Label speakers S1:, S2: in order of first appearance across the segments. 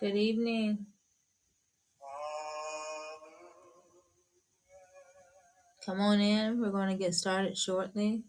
S1: Good evening. Come on in. We're going to get started shortly.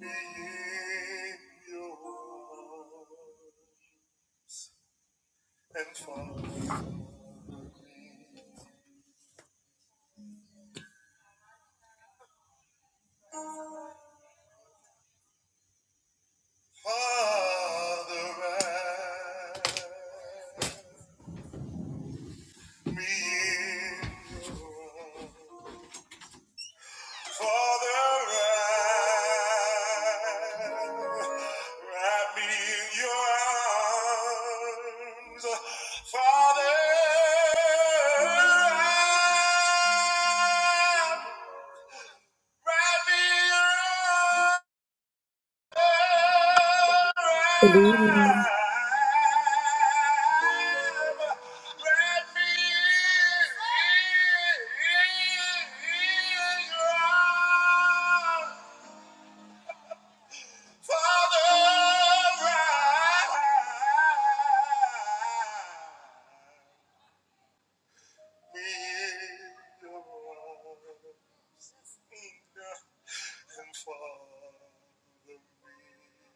S1: Leave your world and follow me. Father, wrap me in your arms. Father, wrap, wrap me in your arms. Father, wrap
S2: Good evening.
S1: Father, me.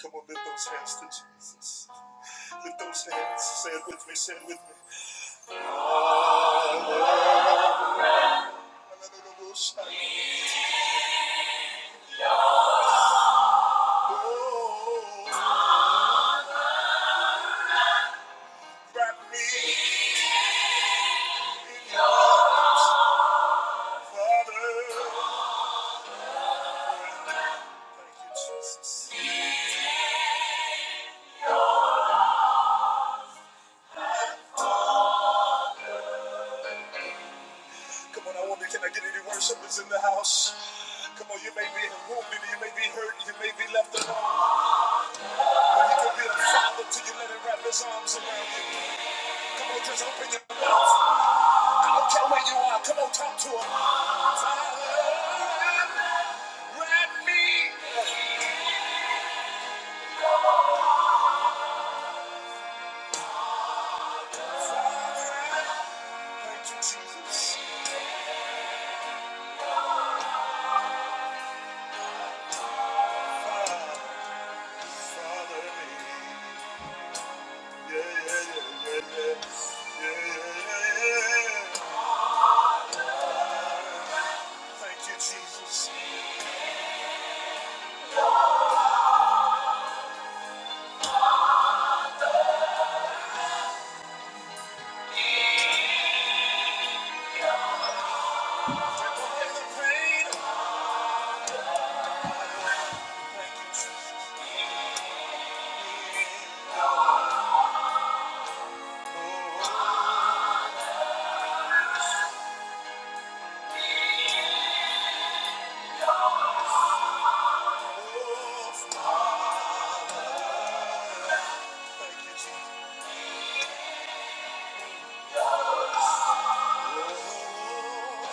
S1: Come on, lift those hands to Jesus. Lift those hands. Say it with me. Say it with me. Father, Oh, wrap me in your arms, Father. Thank you, Jesus. Come on, I wonder, can I get any worshipers in the house? Come on, you may be wounded, you may be hurt, you may be left alone, but he can be a father to you. Let him wrap his arms around you. Come on, just open your mouth. I'll tell where you are. Come on, talk to him. Father, let me. Father, thank you, Jesus. Father, yeah, yeah, yeah, yeah, yeah, yeah, yeah. Thank you, Jesus. Take away the pain. Thank you, Jesus. Oh, oh, oh, Father, thank you, Jesus. Oh,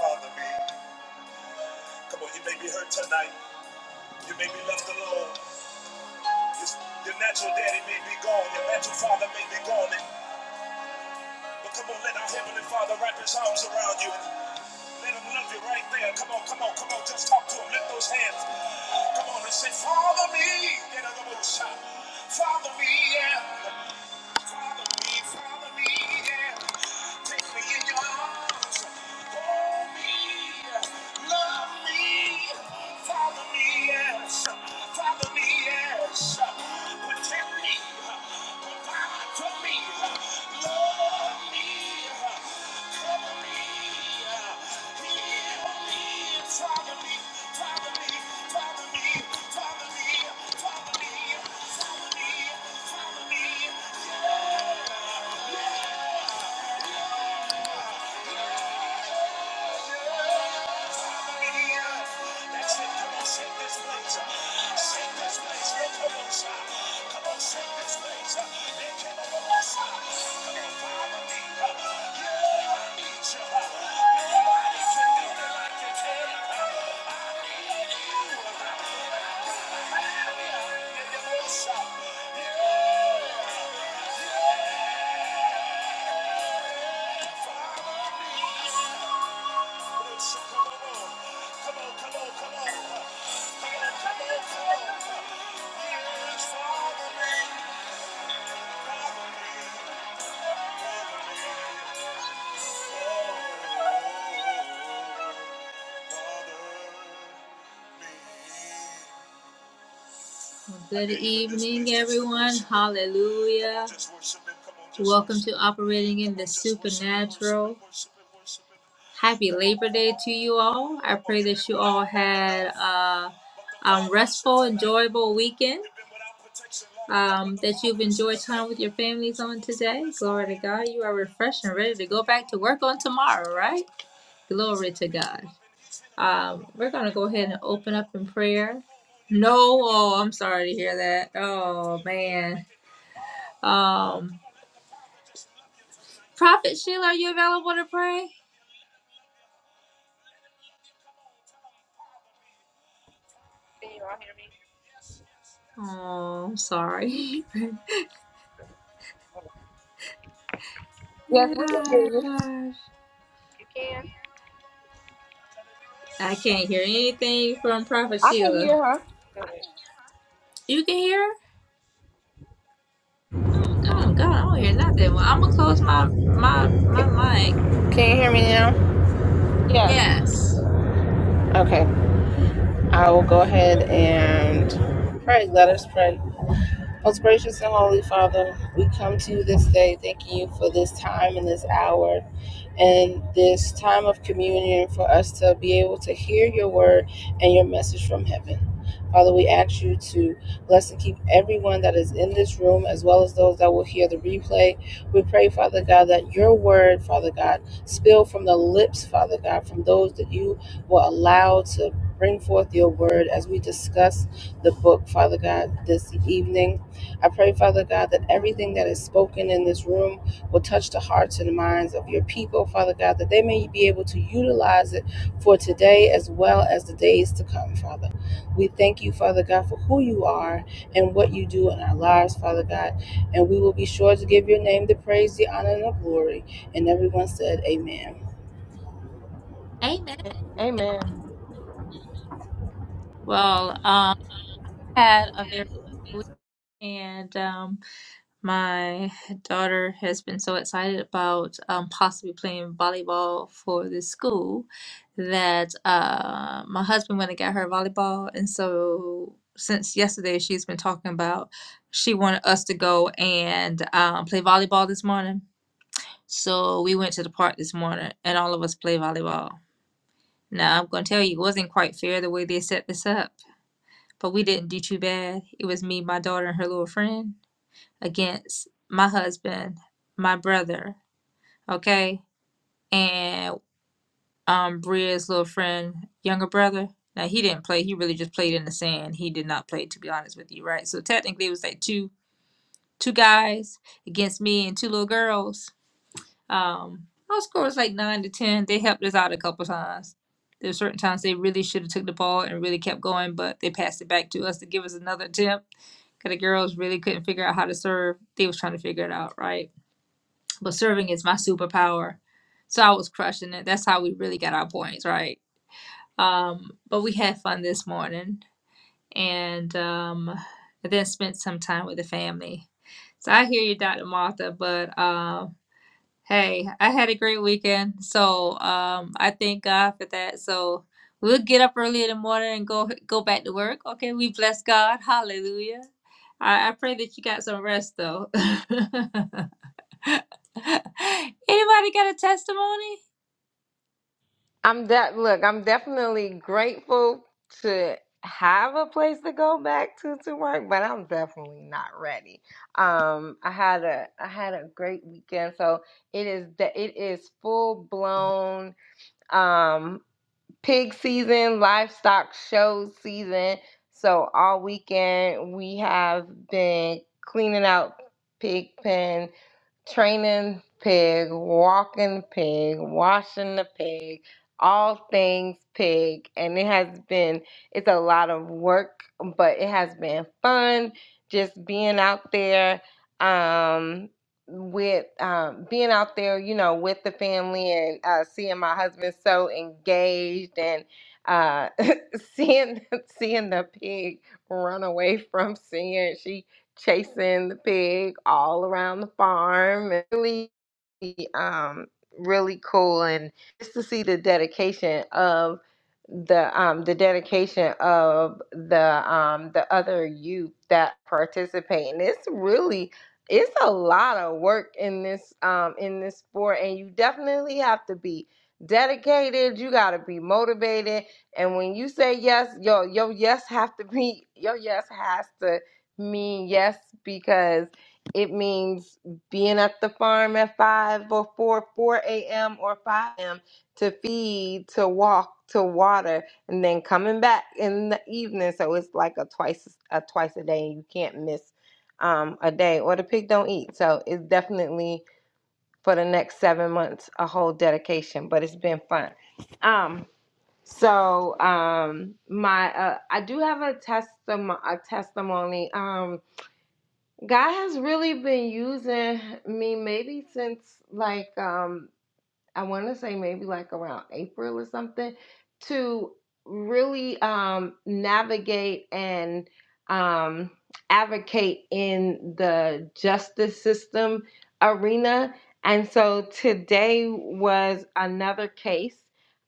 S1: Father, me. Come on, you may be hurt tonight. You may be left alone. Your your natural daddy may be gone. Your natural father may be gone. But come on, let our Heavenly Father wrap his arms around you. Let him love you right there. Come on, come on, come on. Just talk to him. Lift those hands. Come on and say, Father me. Get out of the Father me, yeah. Follow me, follow me, follow me, follow me. That's it. Come on, shake this place. Shake this place. No commotion. Come on, shake this place. They came up on us. Come on, follow me. Yeah, I need you. huh? Nobody can do me like you can. Yeah, you know what's Yeah, come on. Come on, come on, come on. Come on, huh? come on, come on. Yeah, it's me, follow me. Father, me. Well, Good evening, everyone. Hallelujah. Welcome to Operating in the Supernatural. Happy Labor Day to you all. I pray that you all had a um, restful, enjoyable weekend. Um, that you've enjoyed time with your families on today. Glory to God. You are refreshed and ready to go back to work on tomorrow, right? Glory to God. Um, we're going to go ahead and open up in prayer. No, oh, I'm sorry to hear that. Oh, man. Um, Prophet Sheila, are you available to pray?
S3: Can you all hear me?
S1: Oh, I'm sorry.
S2: Yes, we can hear
S1: Ah,
S2: you.
S1: gosh.
S3: If you can,
S1: I can't hear anything from Prophet
S2: I can
S1: Sheila.
S2: hear her.
S3: go
S1: You can hear? her? Oh, God, I don't hear nothing. Well, I'm going to close my, my, my
S3: ahead.
S1: mic.
S3: Can you hear me now?
S2: Yes.
S1: Yes.
S3: Okay. I will go ahead and pray. Let us pray. Most gracious and holy Father, we come to you this day thanking you for this time and this hour and this time of communion for us to be able to hear your word and your message from heaven. Father, we ask you to bless and keep everyone that is in this room as well as those that will hear the replay. We pray, Father God, that your word, Father God, spill from the lips, Father God, from those that you will allow to bring forth your word as we discuss the book, Father God, this evening. I pray, Father God, that everything that is spoken in this room will touch the hearts and minds of your people, Father God, that they may be able to utilize it for today as well as the days to come, Father. We thank you, Father God, for who you are and what you do in our lives, Father God. And we will be sure to give your name the praise, the honor, and the glory. And everyone said, Amen.
S1: Amen.
S2: Amen.
S1: Well, um, had a very good week, and. um, My daughter has been so excited about um, possibly playing volleyball for the school that uh, my husband went and got her volleyball. And so since yesterday, she's been talking about she wanted us to go and um, play volleyball this morning. So we went to the park this morning and all of us played volleyball. Now, I'm going to tell you, it wasn't quite fair the way they set this up, but we didn't do too bad. It was me, my daughter, and her little friend against my husband, my brother, okay, and um Bria's little friend, younger brother. Now he didn't play; he really just played in the sand. He did not play, to be honest with you, right? So technically, it was like two two guys against me and two little girls. Um, our score was like nine to ten. They helped us out a couple times. There's certain times they really should have took the ball and really kept going, but they passed it back to us to give us another attempt. Cause the girls really couldn't figure out how to serve. They was trying to figure it out, right? but serving is my superpower. So I was crushing it. That's how we really got our points, right? Um, but we had fun this morning and um, then spent some time with the family. So I hear you, Dr. Martha, but um Hey, I had a great weekend, so um, I thank God for that. So we'll get up early in the morning and go go back to work. Okay, we bless God. Hallelujah. I, I pray that you got some rest though. Anybody got a testimony?
S2: I'm that look, I'm definitely grateful to have a place to go back to to work, but I'm definitely not ready. Um I had a I had a great weekend. So it is that it is full blown um pig season, livestock show season. So all weekend we have been cleaning out pig pens training pig, walking pig, washing the pig, all things pig. And it has been, it's a lot of work, but it has been fun just being out there um with um being out there you know with the family and uh seeing my husband so engaged and uh seeing seeing the pig run away from seeing she chasing the pig all around the farm. and Really, um, really cool, and just to see the dedication of the um the dedication of the um the other youth that participate and it's really it's a lot of work in this um in this sport and you definitely have to be dedicated you got to be motivated and when you say yes your your yes have to be your yes has to me, yes, because it means being at the farm at 5 or 4, 4 a.m. or 5 a.m. to feed, to walk, to water, and then coming back in the evening. So it's like a twice a twice a day. You can't miss um, a day, or the pig don't eat. So it's definitely for the next seven months a whole dedication. But it's been fun. Um, so um, my uh, I do have a testimony. A testimony. Um, God has really been using me maybe since like um I want to say maybe like around April or something to really um, navigate and um, advocate in the justice system arena. And so today was another case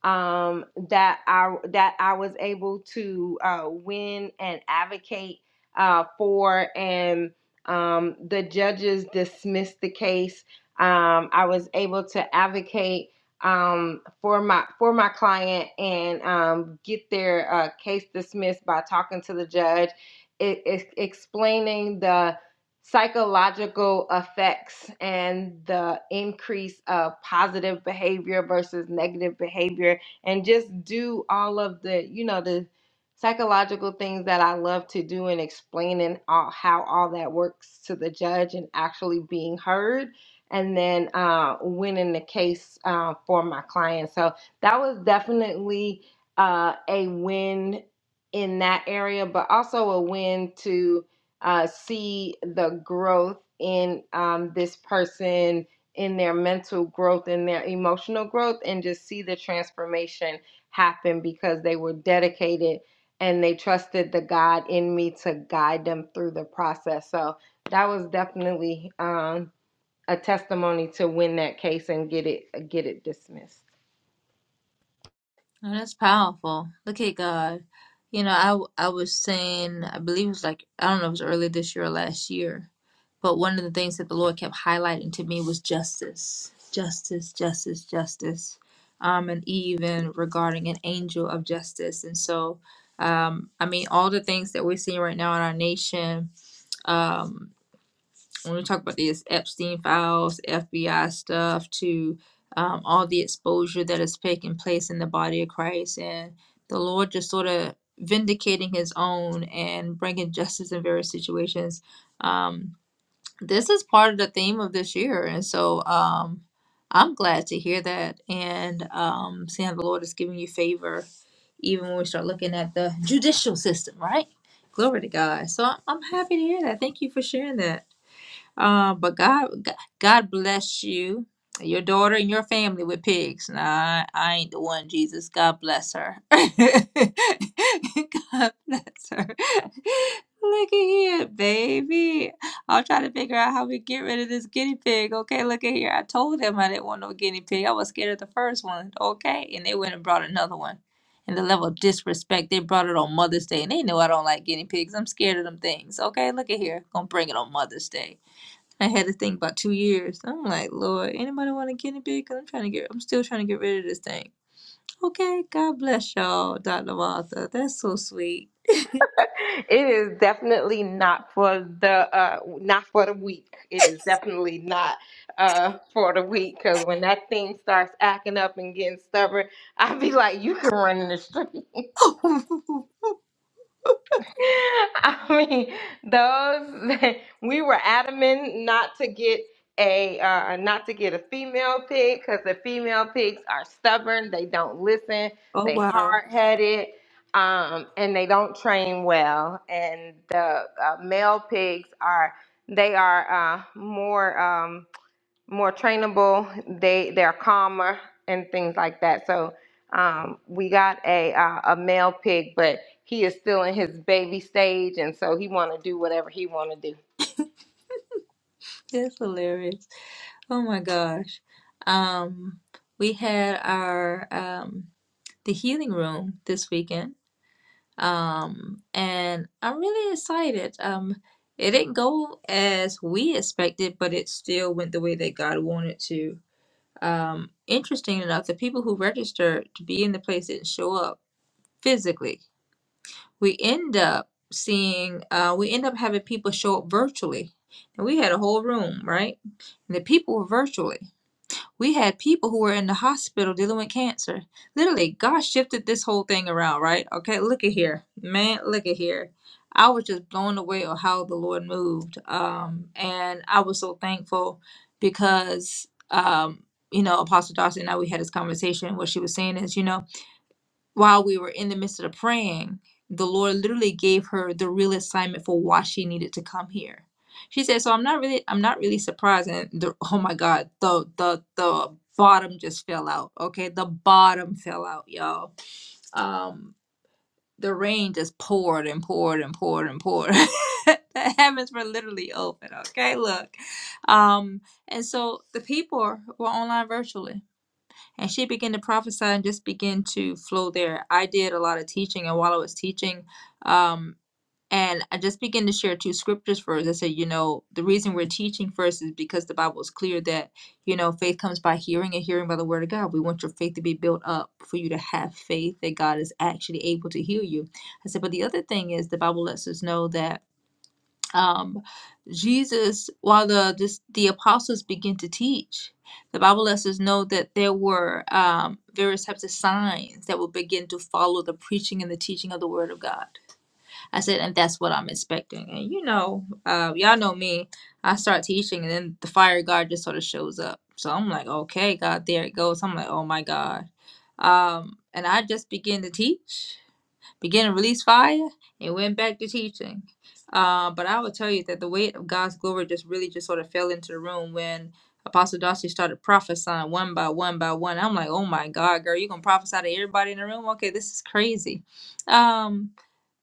S2: um, that I that I was able to uh, win and advocate uh, for, and um, the judges dismissed the case um, I was able to advocate um, for my for my client and um, get their uh, case dismissed by talking to the judge, it, it, explaining the psychological effects and the increase of positive behavior versus negative behavior and just do all of the you know the psychological things that I love to do and explaining all, how all that works to the judge and actually being heard and then uh, winning the case uh, for my client. So that was definitely uh, a win in that area, but also a win to uh, see the growth in um, this person, in their mental growth, in their emotional growth, and just see the transformation happen because they were dedicated and they trusted the God in me to guide them through the process. So that was definitely um, a testimony to win that case and get it get it dismissed.
S1: No, that's powerful. Look at God. You know, I w- I was saying, I believe it was like, I don't know if it was early this year or last year, but one of the things that the Lord kept highlighting to me was justice, justice, justice, justice, um, and even regarding an angel of justice. And so, um, I mean, all the things that we're seeing right now in our nation. um, when we talk about these Epstein files, FBI stuff, to um, all the exposure that is taking place in the body of Christ, and the Lord just sort of vindicating His own and bringing justice in various situations. Um, this is part of the theme of this year, and so um, I'm glad to hear that and um, seeing how the Lord is giving you favor, even when we start looking at the judicial system, right? Glory to God. So I'm I'm happy to hear that. Thank you for sharing that. Uh, but God, God bless you, your daughter, and your family with pigs. Nah, I, I ain't the one, Jesus. God bless her. God bless her. Look at here, baby. I'll try to figure out how we get rid of this guinea pig. Okay, look at here. I told them I didn't want no guinea pig. I was scared of the first one. Okay, and they went and brought another one. And the level of disrespect they brought it on Mother's Day, and they know I don't like guinea pigs. I'm scared of them things. Okay, look at here. Gonna bring it on Mother's Day. I had this thing about two years. I'm like, Lord, anybody want a guinea pig? Cause I'm trying to get, I'm still trying to get rid of this thing. Okay, God bless y'all, Dr. Martha. That's so sweet.
S2: It is definitely not for the uh not for the weak. It is definitely not uh for the weak because when that thing starts acting up and getting stubborn, I'd be like, you can run in the street.
S1: oh
S2: I mean, those we were adamant not to get a uh, not to get a female pig because the female pigs are stubborn. They don't listen. They
S1: wow,
S2: hard headed, um, and they don't train well. And the uh, male pigs are they are uh, more. Um, more trainable. They they're calmer and things like that. So um, we got a uh, a male pig, but he is still in his baby stage, and so he want to do whatever he want to do.
S1: that's hilarious. Oh my gosh. Um, we had our um the healing room this weekend. Um, and I'm really excited. Um, it didn't go as we expected, but it still went the way that God wanted to um, interesting enough, the people who register to be in the place didn't show up physically. We end up seeing, uh, we end up having people show up virtually. And we had a whole room, right? And the people were virtually. We had people who were in the hospital dealing with cancer. Literally, God shifted this whole thing around, right? Okay, look at here. Man, look at here. I was just blown away on how the Lord moved. Um, and I was so thankful because um, you know, Apostle Dawson and I we had this conversation. What she was saying is, you know, while we were in the midst of the praying, the Lord literally gave her the real assignment for why she needed to come here. She said, "So I'm not really, I'm not really surprised." And the, oh my God, the the the bottom just fell out. Okay, the bottom fell out, y'all. Um, the rain just poured and poured and poured and poured. the heavens were literally open. Okay, look. Um, and so the people were online virtually and she began to prophesy and just began to flow there. I did a lot of teaching, and while I was teaching, um, and I just began to share two scriptures first. I said, you know, the reason we're teaching first is because the Bible is clear that, you know, faith comes by hearing and hearing by the word of God. We want your faith to be built up for you to have faith that God is actually able to heal you. I said, but the other thing is the Bible lets us know that um, Jesus, while the this, the apostles begin to teach, the Bible lets us know that there were um, various types of signs that would begin to follow the preaching and the teaching of the Word of God. I said, and that's what I'm expecting. And you know, uh, y'all know me. I start teaching, and then the fire of God just sort of shows up. So I'm like, okay, God, there it goes. I'm like, oh my God. Um, and I just begin to teach began to release fire and went back to teaching. Uh, but I will tell you that the weight of God's glory just really just sort of fell into the room when Apostle Darcy started prophesying one by one by one. I'm like, oh my God, girl, you are gonna prophesy to everybody in the room? Okay, this is crazy. Um,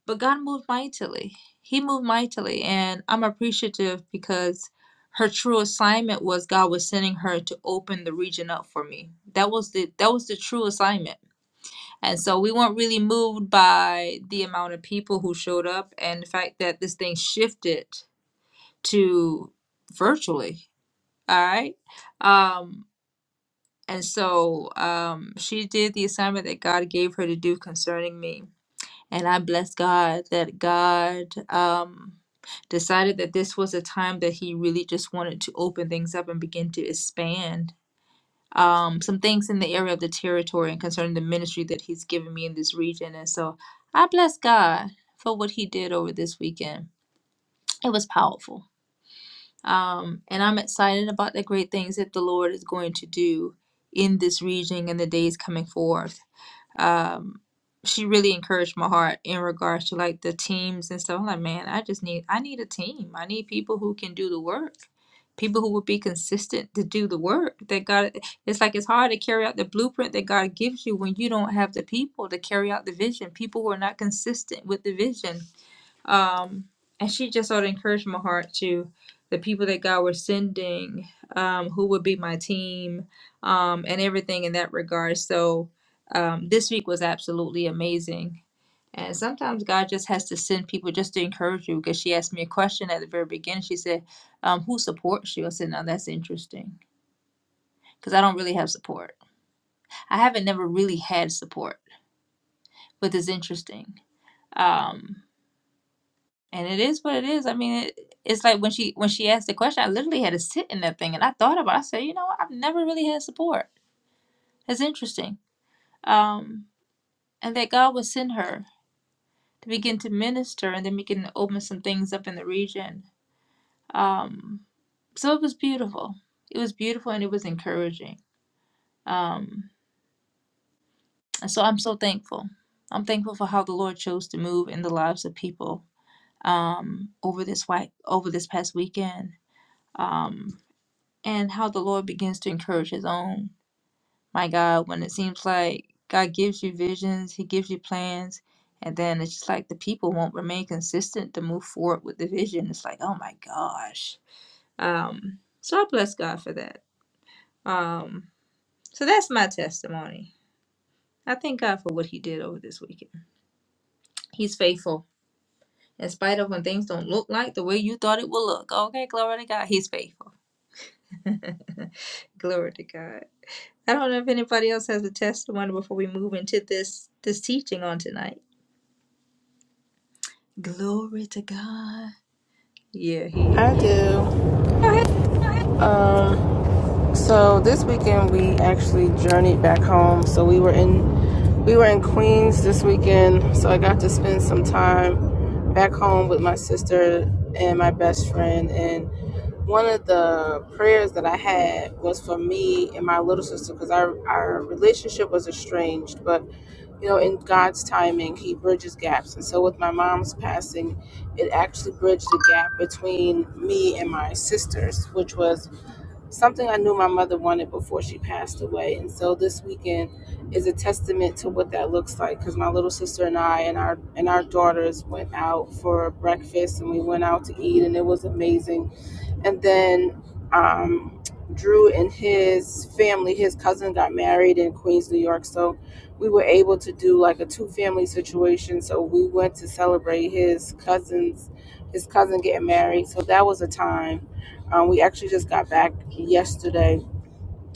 S1: but God moved mightily. He moved mightily, and I'm appreciative because her true assignment was God was sending her to open the region up for me. That was the that was the true assignment and so we weren't really moved by the amount of people who showed up and the fact that this thing shifted to virtually. All right. Um, and so um, she did the assignment that God gave her to do concerning me. And I bless God that God um, decided that this was a time that He really just wanted to open things up and begin to expand um, some things in the area of the territory and concerning the ministry that he's given me in this region. And so I bless God for what he did over this weekend. It was powerful. Um, and I'm excited about the great things that the Lord is going to do in this region in the days coming forth um she really encouraged my heart in regards to like the teams and stuff. I'm like, man, I just need I need a team. I need people who can do the work. People who will be consistent to do the work that God it's like it's hard to carry out the blueprint that God gives you when you don't have the people to carry out the vision. People who are not consistent with the vision. Um, and she just sort of encouraged my heart to the people that God was sending, um, who would be my team, um, and everything in that regard. So um, this week was absolutely amazing. And sometimes God just has to send people just to encourage you. Because she asked me a question at the very beginning. She said, um, "Who supports you?" I said, "No, that's interesting because I don't really have support. I haven't never really had support, but it's interesting." Um, And it is what it is. I mean, it, it's like when she when she asked the question, I literally had to sit in that thing, and I thought about. it. I said, you know, what? I've never really had support. It's interesting. Um, and that God would send her to begin to minister, and then begin to open some things up in the region. Um, so it was beautiful. It was beautiful, and it was encouraging. Um, and so I'm so thankful. I'm thankful for how the Lord chose to move in the lives of people um, over this white over this past weekend. Um. and how the Lord begins to encourage His own. My God, when it seems like God gives you visions, He gives you plans, and then it's just like the people won't remain consistent to move forward with the vision. It's like, oh my gosh. Um, so I bless God for that. Um, so that's my testimony. I thank God for what He did over this weekend. He's faithful. In spite of when things don't look like the way you thought it would look. Okay, glory to God. He's faithful. glory to God. I don't know if anybody else has a testimony before we move into this this teaching on tonight. Glory to God. Yeah, he is.
S3: I do.
S1: Go ahead.
S3: Um... So this weekend we actually journeyed back home. So we were in we were in Queens this weekend. So I got to spend some time back home with my sister and my best friend. And one of the prayers that I had was for me and my little sister because our our relationship was estranged. But you know, in God's timing, He bridges gaps. And so with my mom's passing, it actually bridged the gap between me and my sisters, which was something I knew my mother wanted before she passed away. And so this weekend is a testament to what that looks like because my little sister and I and our and our daughters went out for breakfast and we went out to eat and it was amazing and then um, Drew and his family, his cousin got married in Queens, New York. So we were able to do like a two family situation. So we went to celebrate his cousins, his cousin getting married. So that was a time. Um, we actually just got back yesterday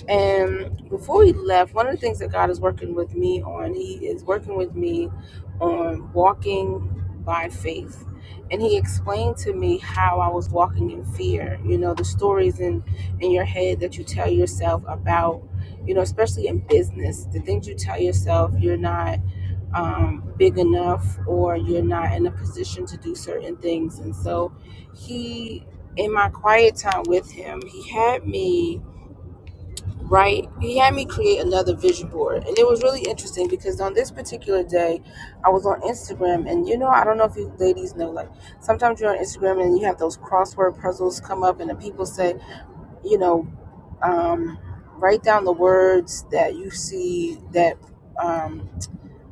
S3: and before we left, one of the things that God is working with me on, He is working with me on walking by faith. And He explained to me how I was walking in fear. You know, the stories in, in your head that you tell yourself about, you know, especially in business, the things you tell yourself you're not um, big enough or you're not in a position to do certain things. And so He, in my quiet time with Him, He had me right? He had me create another vision board. And it was really interesting because on this particular day, I was on Instagram. And you know, I don't know if you ladies know, like sometimes you're on Instagram and you have those crossword puzzles come up, and the people say, you know, um, write down the words that you see that. Um,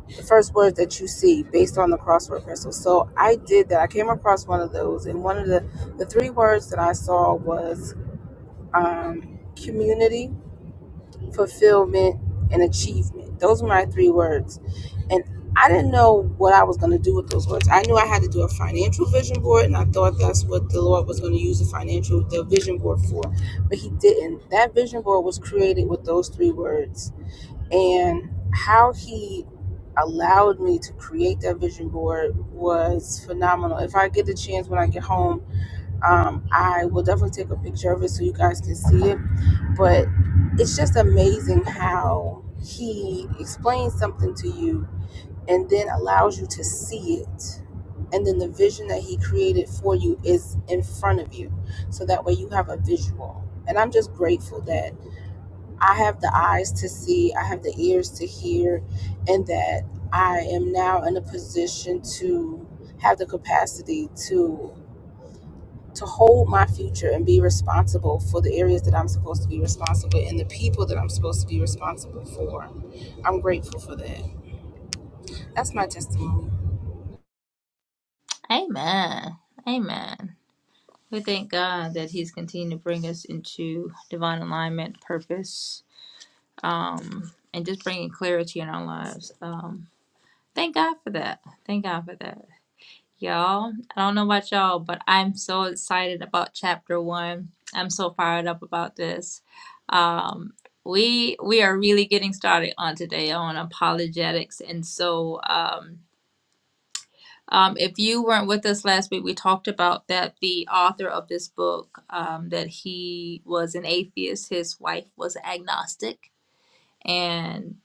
S3: the first words that you see based on the crossword puzzle. So I did that. I came across one of those, and one of the the three words that I saw was um, community, fulfillment, and achievement. Those are my three words. And I didn't know what I was going to do with those words. I knew I had to do a financial vision board, and I thought that's what the Lord was going to use the financial the vision board for. But He didn't. That vision board was created with those three words. And how He allowed me to create that vision board was phenomenal. If I get the chance when I get home, um, I will definitely take a picture of it so you guys can see it. But it's just amazing how he explains something to you and then allows you to see it. And then the vision that he created for you is in front of you. So that way you have a visual. And I'm just grateful that I have the eyes to see, I have the ears to hear, and that I am now in a position to have the capacity to to hold my future and be responsible for the areas that I'm supposed to be responsible and the people that I'm supposed to be responsible for. I'm grateful for that. That's my testimony.
S1: Amen. Amen. We thank God that He's continuing to bring us into divine alignment, purpose, um, and just bringing clarity in our lives. Um, thank God for that. Thank God for that. Y'all, I don't know about y'all, but I'm so excited about chapter one. I'm so fired up about this. Um, we we are really getting started on today on apologetics, and so um, um, if you weren't with us last week, we talked about that the author of this book um, that he was an atheist, his wife was agnostic, and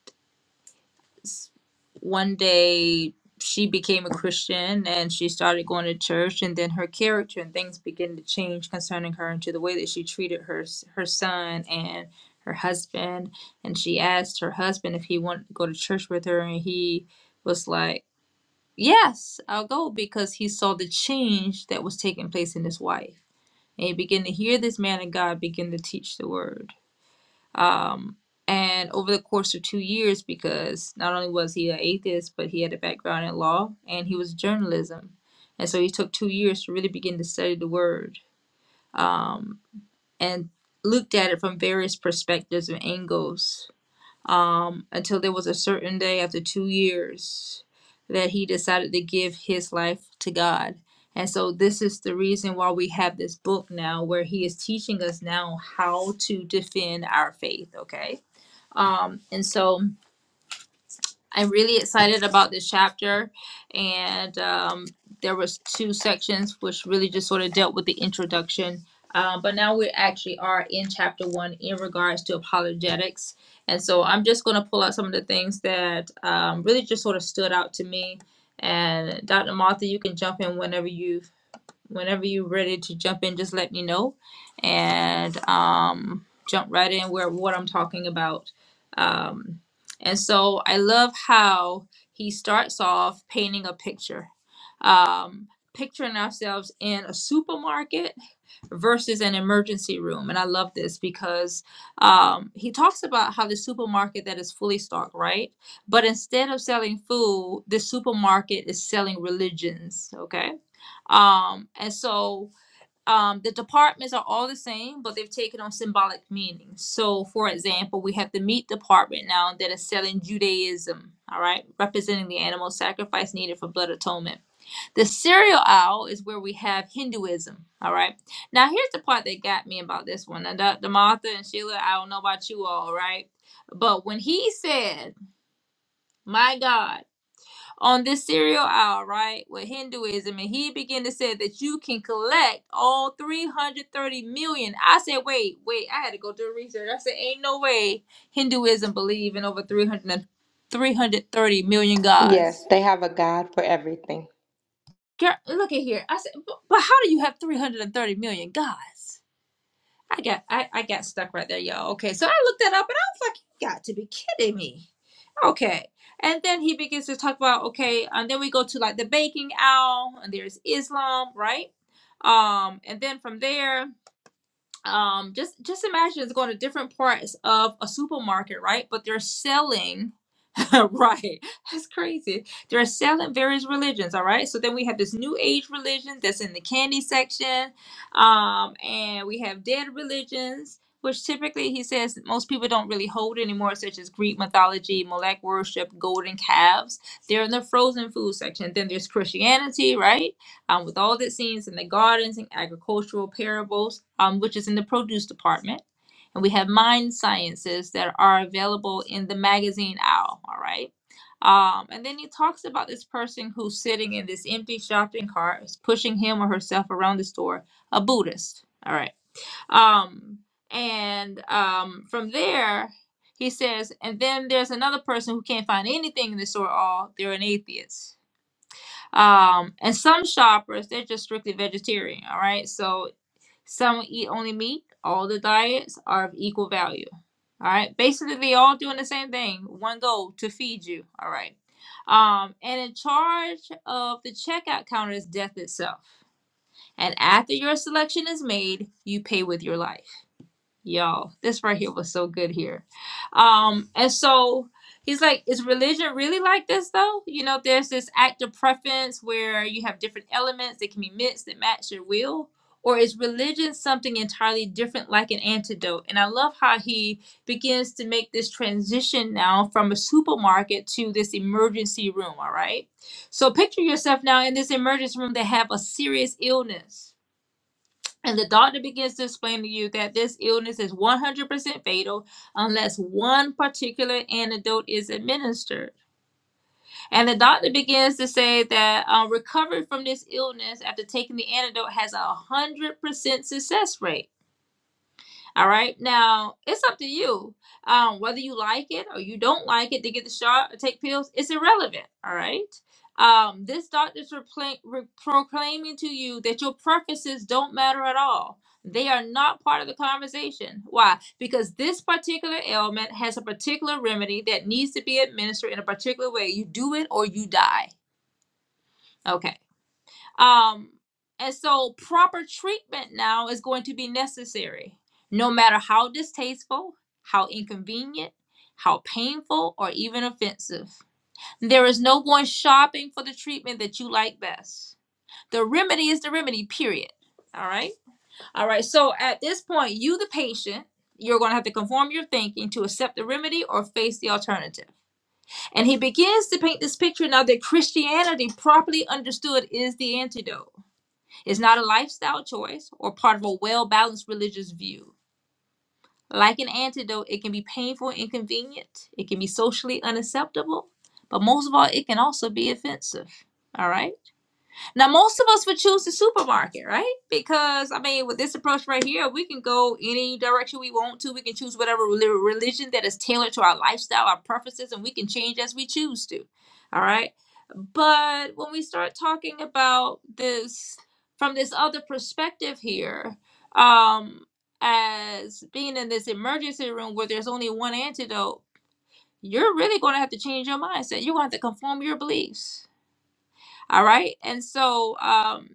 S1: one day she became a Christian and she started going to church, and then her character and things began to change concerning her and to the way that she treated her her son and her husband. And she asked her husband if he wanted to go to church with her, and he was like, "Yes, I'll go," because he saw the change that was taking place in his wife, and he began to hear this man of God begin to teach the word and over the course of two years, because not only was he an atheist, but he had a background in law and he was journalism. And so he took two years to really begin to study the word and looked at it from various perspectives and angles um, until there was a certain day after two years that he decided to give his life to God. And so this is the reason why we have this book now where he is teaching us now how to defend our faith, okay? Um, and so I'm really excited about this chapter, and um, there was two sections which really just sort of dealt with the introduction. Um, but now we actually are in chapter one in regards to apologetics, and so I'm just going to pull out some of the things that um, really just sort of stood out to me. And Dr. Martha, you can jump in whenever you whenever you're ready to jump in, just let me know and um, jump right in where what I'm talking about. Um, and so I love how he starts off painting a picture, um, picturing ourselves in a supermarket versus an emergency room. And I love this because um, he talks about how the supermarket that is fully stocked, right? But instead of selling food, the supermarket is selling religions, okay? Um, and so um, the departments are all the same, but they've taken on symbolic meanings. So, for example, we have the meat department now that is selling Judaism, all right, representing the animal sacrifice needed for blood atonement. The cereal aisle is where we have Hinduism, all right. Now, here's the part that got me about this one. And Dr. Martha and Sheila, I don't know about you all, right? But when he said, My God, on this serial hour, right, with Hinduism, and he began to say that you can collect all 330 million. I said, wait, wait, I had to go do research. I said, ain't no way Hinduism believe in over three hundred and three hundred thirty million
S2: Yes,
S1: gods.
S2: they have a God for everything.
S1: Girl, look at here. I said, but but how do you have 330 million gods? I got I, I got stuck right there, y'all. Okay, so I looked that up and I was like, you got to be kidding me. Okay. And then he begins to talk about, okay, and then we go to like the baking owl, and there's Islam, right? Um, and then from there, um, just just imagine it's going to different parts of a supermarket, right? But they're selling right. That's crazy. They're selling various religions, all right? So then we have this new age religion that's in the candy section. Um, and we have dead religions, which typically he says most people don't really hold anymore, such as Greek mythology, Molech worship, golden calves. They're in the frozen food section. Then there's Christianity, right? Um, with all the scenes in the gardens and agricultural parables, um, which is in the produce department and we have mind sciences that are available in the magazine owl all right um, and then he talks about this person who's sitting in this empty shopping cart is pushing him or herself around the store a buddhist all right um, and um, from there he says and then there's another person who can't find anything in the store at all they're an atheist um, and some shoppers they're just strictly vegetarian all right so some eat only meat. All the diets are of equal value. All right. Basically, they all doing the same thing. One goal to feed you. All right. Um, and in charge of the checkout counter is death itself. And after your selection is made, you pay with your life. Yo, this right here was so good here. Um, and so he's like, is religion really like this though? You know, there's this act of preference where you have different elements that can be mixed that match your will. Or is religion something entirely different, like an antidote? And I love how he begins to make this transition now from a supermarket to this emergency room. All right. So picture yourself now in this emergency room that have a serious illness and the doctor begins to explain to you that this illness is 100% fatal unless one particular antidote is administered. And the doctor begins to say that uh, recovery from this illness after taking the antidote has a 100% success rate. All right. Now it's up to you. Um, whether you like it or you don't like it to get the shot or take pills, it's irrelevant. All right. Um, this doctor's repla- re- proclaiming to you that your preferences don't matter at all. They are not part of the conversation. Why? Because this particular ailment has a particular remedy that needs to be administered in a particular way. You do it or you die. Okay. Um, and so proper treatment now is going to be necessary, no matter how distasteful, how inconvenient, how painful, or even offensive. There is no going shopping for the treatment that you like best. The remedy is the remedy, period. All right. All right. So at this point, you, the patient, you're going to have to conform your thinking to accept the remedy or face the alternative. And he begins to paint this picture now that Christianity, properly understood, is the antidote. It's not a lifestyle choice or part of a well balanced religious view. Like an antidote, it can be painful and inconvenient, it can be socially unacceptable, but most of all, it can also be offensive. All right? Now, most of us would choose the supermarket, right? Because, I mean, with this approach right here, we can go any direction we want to. We can choose whatever reli- religion that is tailored to our lifestyle, our preferences, and we can change as we choose to. All right. But when we start talking about this from this other perspective here, um, as being in this emergency room where there's only one antidote, you're really going to have to change your mindset. You're going to have to conform your beliefs. All right. And so, um,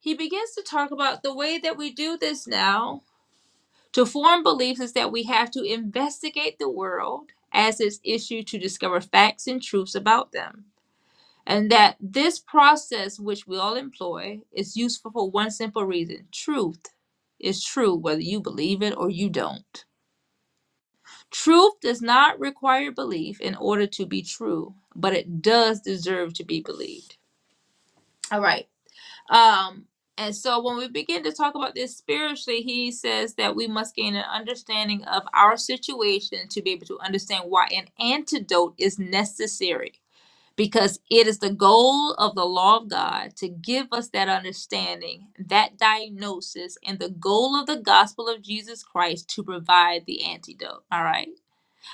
S1: he begins to talk about the way that we do this now to form beliefs is that we have to investigate the world as its issue to discover facts and truths about them. And that this process, which we all employ, is useful for one simple reason truth is true whether you believe it or you don't. Truth does not require belief in order to be true, but it does deserve to be believed. All right. Um, and so when we begin to talk about this spiritually, he says that we must gain an understanding of our situation to be able to understand why an antidote is necessary. Because it is the goal of the law of God to give us that understanding, that diagnosis, and the goal of the gospel of Jesus Christ to provide the antidote. All right.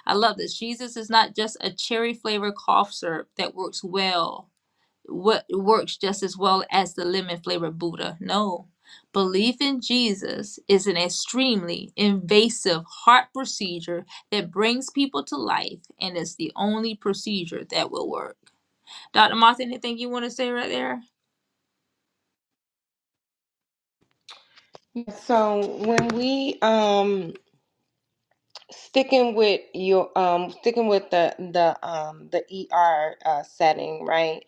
S1: I love this. Jesus is not just a cherry flavored cough syrup that works well what works just as well as the lemon flavored Buddha. No. Belief in Jesus is an extremely invasive heart procedure that brings people to life and it's the only procedure that will work. Dr. Martha, anything you want to say right there?
S2: So when we um sticking with your um sticking with the the um the ER uh setting, right?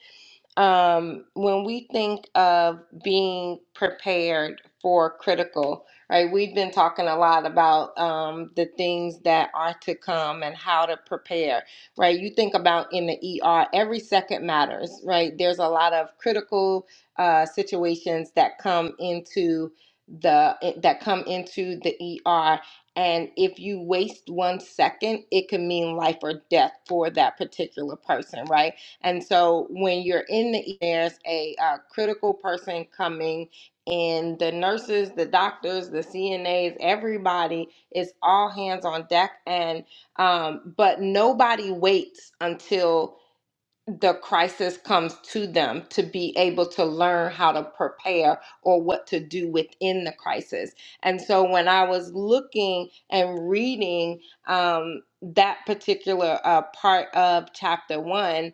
S2: um, when we think of being prepared for critical, right? We've been talking a lot about um, the things that are to come and how to prepare, right? You think about in the ER, every second matters, right? There's a lot of critical uh, situations that come into the eh, that come into the ER and if you waste 1 second it can mean life or death for that particular person right and so when you're in the, E- there's a, uh critical person coming and the nurses, the doctors, the CNAs, everybody is all hands on deck. And, um, but nobody waits until the crisis comes to them to be able to learn how to prepare or what to do within the crisis. And so when I was looking and reading um, that particular uh, part of chapter one,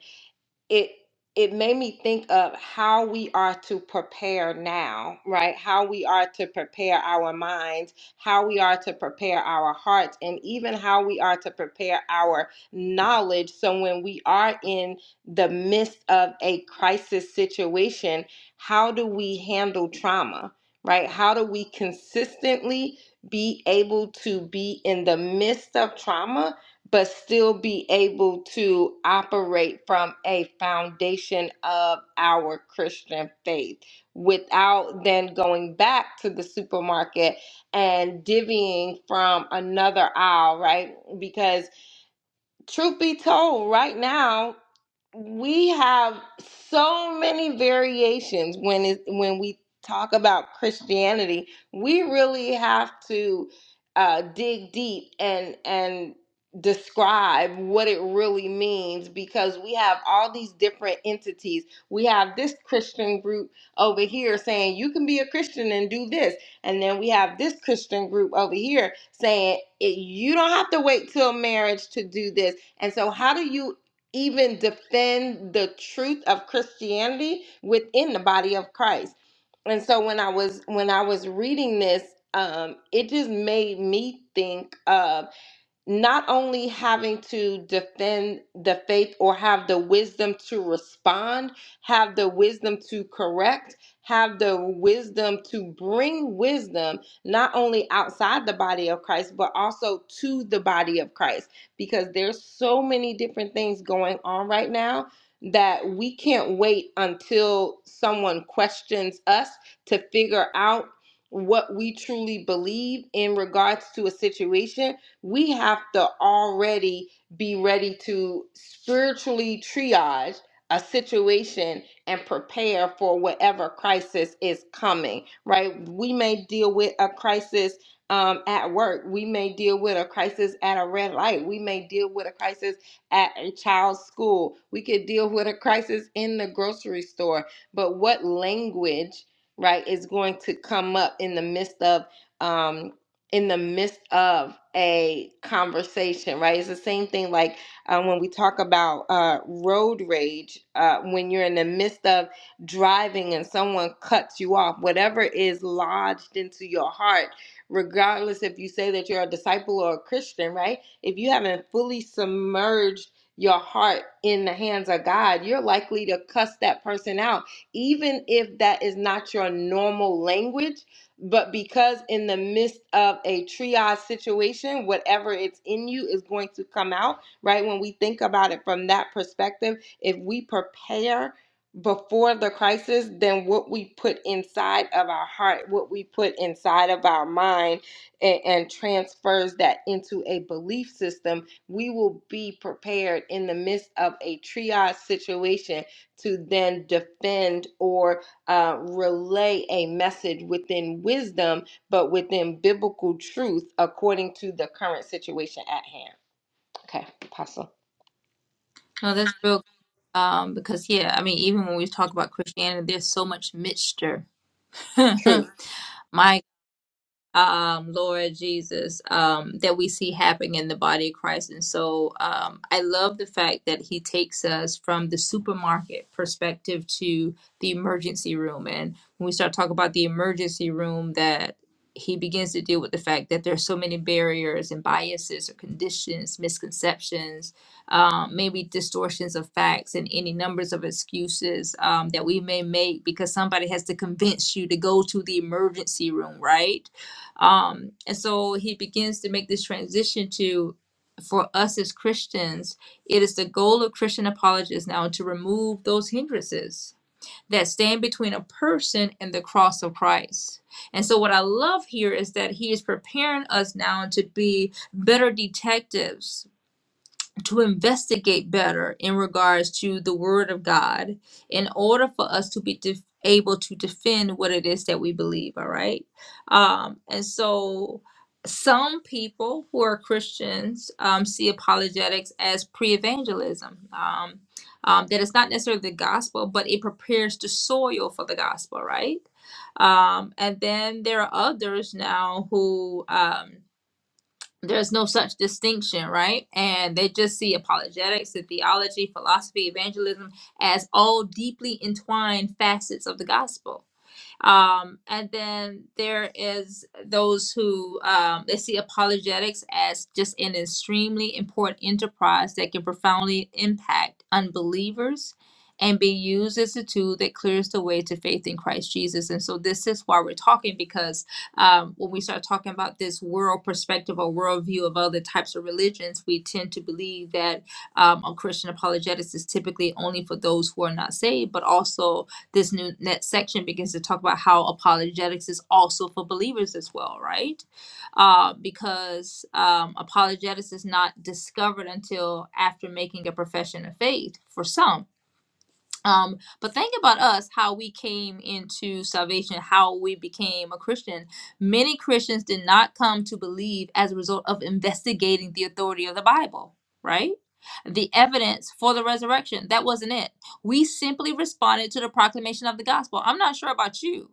S2: it it made me think of how we are to prepare now right how we are to prepare our minds how we are to prepare our hearts and even how we are to prepare our knowledge so when we are in the midst of a crisis situation how do we handle trauma right how do we consistently be able to be in the midst of trauma but still be able to operate from a foundation of our Christian faith without then going back to the supermarket and divvying from another aisle, right? Because truth be told, right now we have so many variations when it when we talk about Christianity. We really have to uh, dig deep and and describe what it really means because we have all these different entities. We have this Christian group over here saying you can be a Christian and do this, and then we have this Christian group over here saying it, you don't have to wait till marriage to do this. And so, how do you even defend the truth of Christianity within the body of Christ. And so when I was when I was reading this, um, it just made me think. of not only having to defend the faith or have the wisdom to respond, have the wisdom to correct, have the wisdom to bring wisdom, not only outside the body of Christ, but also to the body of Christ, because there's so many different things going on right now that we can't wait until someone questions us to figure out what we truly believe in regards to a situation we have to already be ready to spiritually triage a situation and prepare for whatever crisis is coming, right? We may deal with a crisis um, at work. We may deal with a crisis at a red light. We may deal with a crisis at a child's school. We could deal with a crisis in the grocery store. But what language, right, is going to come up in the midst of? um, in the midst of a conversation, right? It's the same thing like um, when we talk about uh, road rage, uh, when you're in the midst of driving and someone cuts you off, whatever is lodged into your heart, regardless if you say that you're a disciple or a Christian, right? If you haven't fully submerged your heart in the hands of God, you're likely to cuss that person out, even if that is not your normal language but because in the midst of a triage situation, whatever it's in you is going to come out, right? When we think about it from that perspective, if we prepare before the crisis, then what we put inside of our heart, what we put inside of our mind, and, and transfers that into a belief system, we will be prepared in the midst of a triage situation to then defend or uh, relay a message within wisdom, but within biblical truth according to the current situation at hand. Okay, Apostle.
S1: No, that's real. Um, because yeah, I mean, even when we talk about Christianity, there's so much mixture.
S2: Truth.
S1: My um, Lord Jesus, um, that we see happening in the body of Christ. And so um, I love the fact that he takes us from the supermarket perspective to the emergency room. And when we start talking about the emergency room, that he begins to deal with the fact that there are so many barriers and biases or conditions, misconceptions, um, maybe distortions of facts and any numbers of excuses um, that we may make because somebody has to convince you to go to the emergency room, right? Um, and so he begins to make this transition to for us as Christians, it is the goal of Christian apologists now to remove those hindrances that stand between a person and the cross of Christ. And so, what I love here is that he is preparing us now to be better detectives to investigate better in regards to the word of God in order for us to be def- able to defend what it is that we believe all right um and so some people who are Christians um, see apologetics as pre-evangelism um, um, that it's not necessarily the gospel but it prepares the soil for the gospel right um, and then there are others now who um, there's no such distinction, right? And they just see apologetics and theology, philosophy, evangelism as all deeply entwined facets of the gospel. Um, and then there is those who um, they see apologetics as just an extremely important enterprise that can profoundly impact unbelievers and be used as a tool that clears the way to faith in Christ Jesus. And so this is why we're talking because um, when we start talking about this world perspective or worldview of other types of religions, we tend to believe that um, a Christian apologetics is typically only for those who are not saved, but also this new next section begins to talk about how apologetics is also for believers as well, right? Uh, because um, apologetics is not discovered until after making a profession of faith for some um, but think about us, how we came into salvation, how we became a Christian. Many Christians did not come to believe as a result of investigating the authority of the Bible, right? The evidence for the resurrection. That wasn't it. We simply responded to the proclamation of the gospel. I'm not sure about you.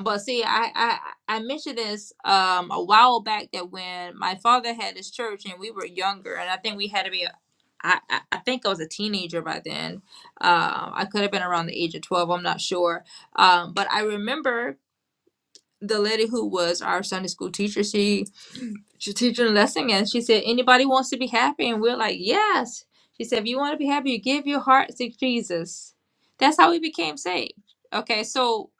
S1: But see, I I, I mentioned this um a while back that when my father had his church and we were younger, and I think we had to be I, I I think I was a teenager by then. Um, I could have been around the age of 12, I'm not sure. Um, but I remember the lady who was our Sunday school teacher, she she's teaching a lesson and she said, Anybody wants to be happy? And we're like, Yes. She said, If you want to be happy, you give your heart to Jesus. That's how we became saved. Okay, so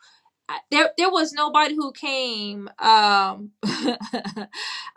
S1: I- there there was nobody who came um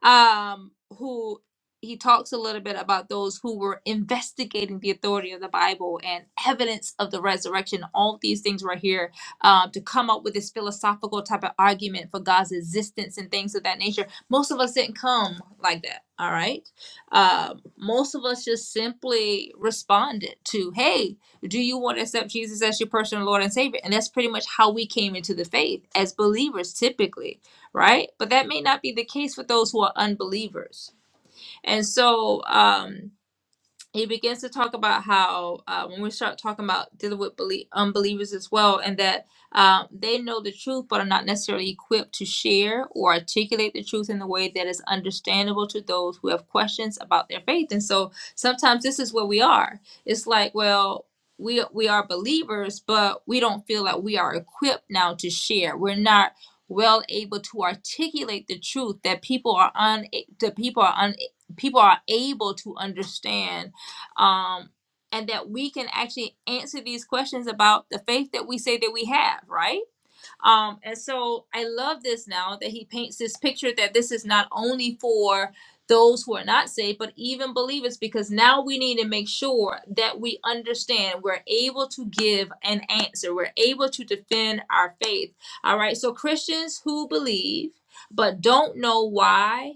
S1: um who he talks a little bit about those who were investigating the authority of the Bible and evidence of the resurrection. All these things right here um, to come up with this philosophical type of argument for God's existence and things of that nature. Most of us didn't come like that. All right. Um, most of us just simply responded to, hey, do you want to accept Jesus as your personal Lord and Savior? And that's pretty much how we came into the faith as believers, typically, right? But that may not be the case for those who are unbelievers. And so, um, he begins to talk about how uh, when we start talking about dealing with belie- unbelievers as well, and that um, they know the truth but are not necessarily equipped to share or articulate the truth in the way that is understandable to those who have questions about their faith. And so sometimes this is where we are. It's like, well, we we are believers, but we don't feel like we are equipped now to share. We're not well able to articulate the truth that people are un that people are un people are able to understand um, and that we can actually answer these questions about the faith that we say that we have, right? Um, and so I love this now that he paints this picture that this is not only for those who are not saved, but even believers, because now we need to make sure that we understand we're able to give an answer, we're able to defend our faith. All right, so Christians who believe but don't know why.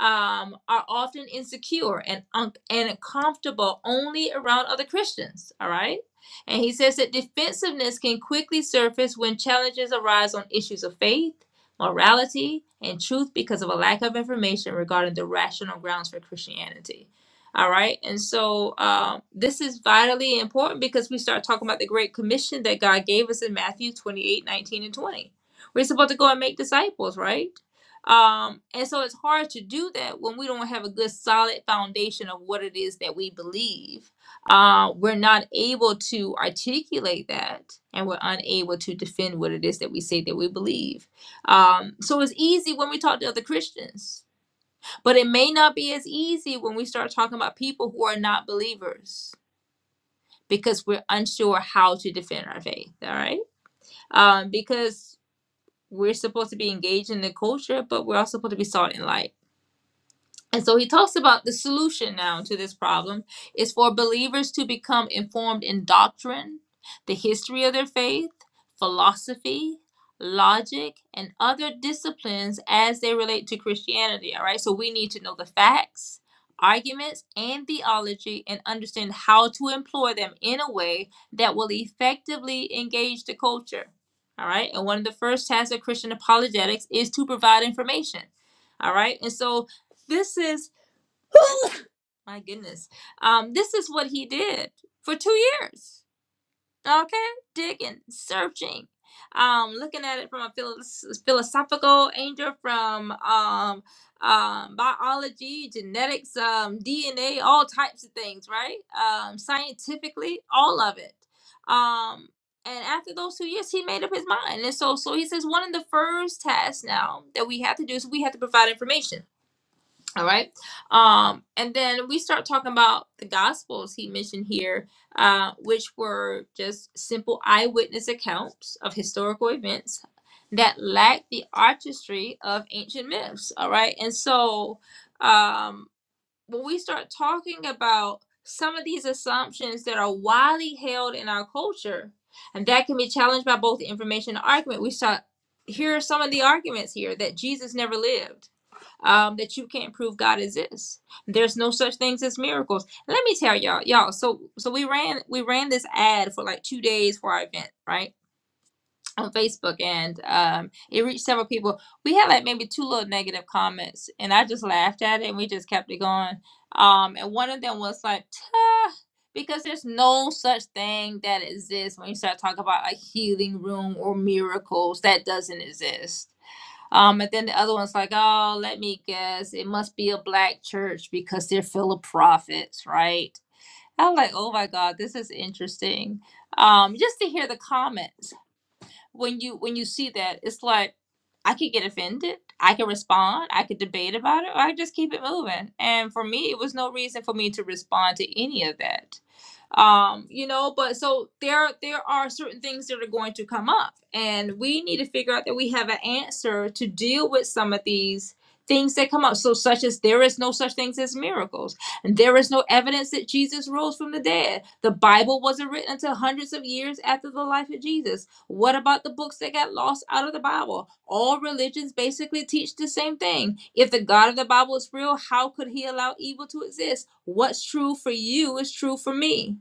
S1: Um, are often insecure and un- and uncomfortable only around other Christians. All right, and he says that defensiveness can quickly surface when challenges arise on issues of faith, morality, and truth because of a lack of information regarding the rational grounds for Christianity. All right. And so um, this is vitally important because we start talking about the great commission that God gave us in Matthew 28, 19, and 20. We're supposed to go and make disciples, right? Um, and so it's hard to do that when we don't have a good solid foundation of what it is that we believe uh, we're not able to articulate that and we're unable to defend what it is that we say that we believe. Um, so it's easy when we talk to other Christians, but it may not be as easy when we start talking about people who are not believers because we're unsure how to defend our faith. All right. Um, because we're supposed to be engaged in the culture, but we're also supposed to be salt and light. And so he talks about the solution now to this problem is for believers to become informed in doctrine, the history of their faith, philosophy, logic, and other disciplines as they relate to Christianity. All right, so we need to know the facts, arguments, and theology and understand how to employ them in a way that will effectively engage the culture. All right, and one of the first tasks of Christian apologetics is to provide information. All right, and so this is my goodness. Um, this is what he did for two years. Okay, digging, searching, um, looking at it from a philos- philosophical angle, from um, um, biology, genetics, um, DNA, all types of things, right? Um, scientifically, all of it. Um, and after those two years, he made up his mind. And so, so he says one of the first tasks now that we have to do is we have to provide information all right. Um, and then we start talking about the gospels he mentioned here, uh, which were just simple eyewitness accounts of historical events that lacked the artistry of ancient myths. All right. And so um, when we start talking about some of these assumptions that are widely held in our culture, and that can be challenged by both information and argument, we start here are some of the arguments here that Jesus never lived um, that you can't prove God exists. There's no such things as miracles. Let me tell y'all, y'all. So so we ran we ran this ad for like two days for our event, right? On Facebook, and um, it reached several people. We had like maybe two little negative comments, and I just laughed at it, and we just kept it going. Um, and one of them was like, "Tuh," because there's no such thing that exists when you start talking about a healing room or miracles that doesn't exist um, and then the other one's like, oh, let me guess, it must be a black church because they're full of prophets, right? I'm like, oh my God, this is interesting. Um, just to hear the comments when you when you see that, it's like I could get offended, I could respond, I could debate about it, or I just keep it moving. And for me, it was no reason for me to respond to any of that um you know but so there there are certain things that are going to come up and we need to figure out that we have an answer to deal with some of these things that come up so such as there is no such things as miracles and there is no evidence that jesus rose from the dead the bible wasn't written until hundreds of years after the life of jesus what about the books that got lost out of the bible all religions basically teach the same thing if the god of the bible is real how could he allow evil to exist what's true for you is true for me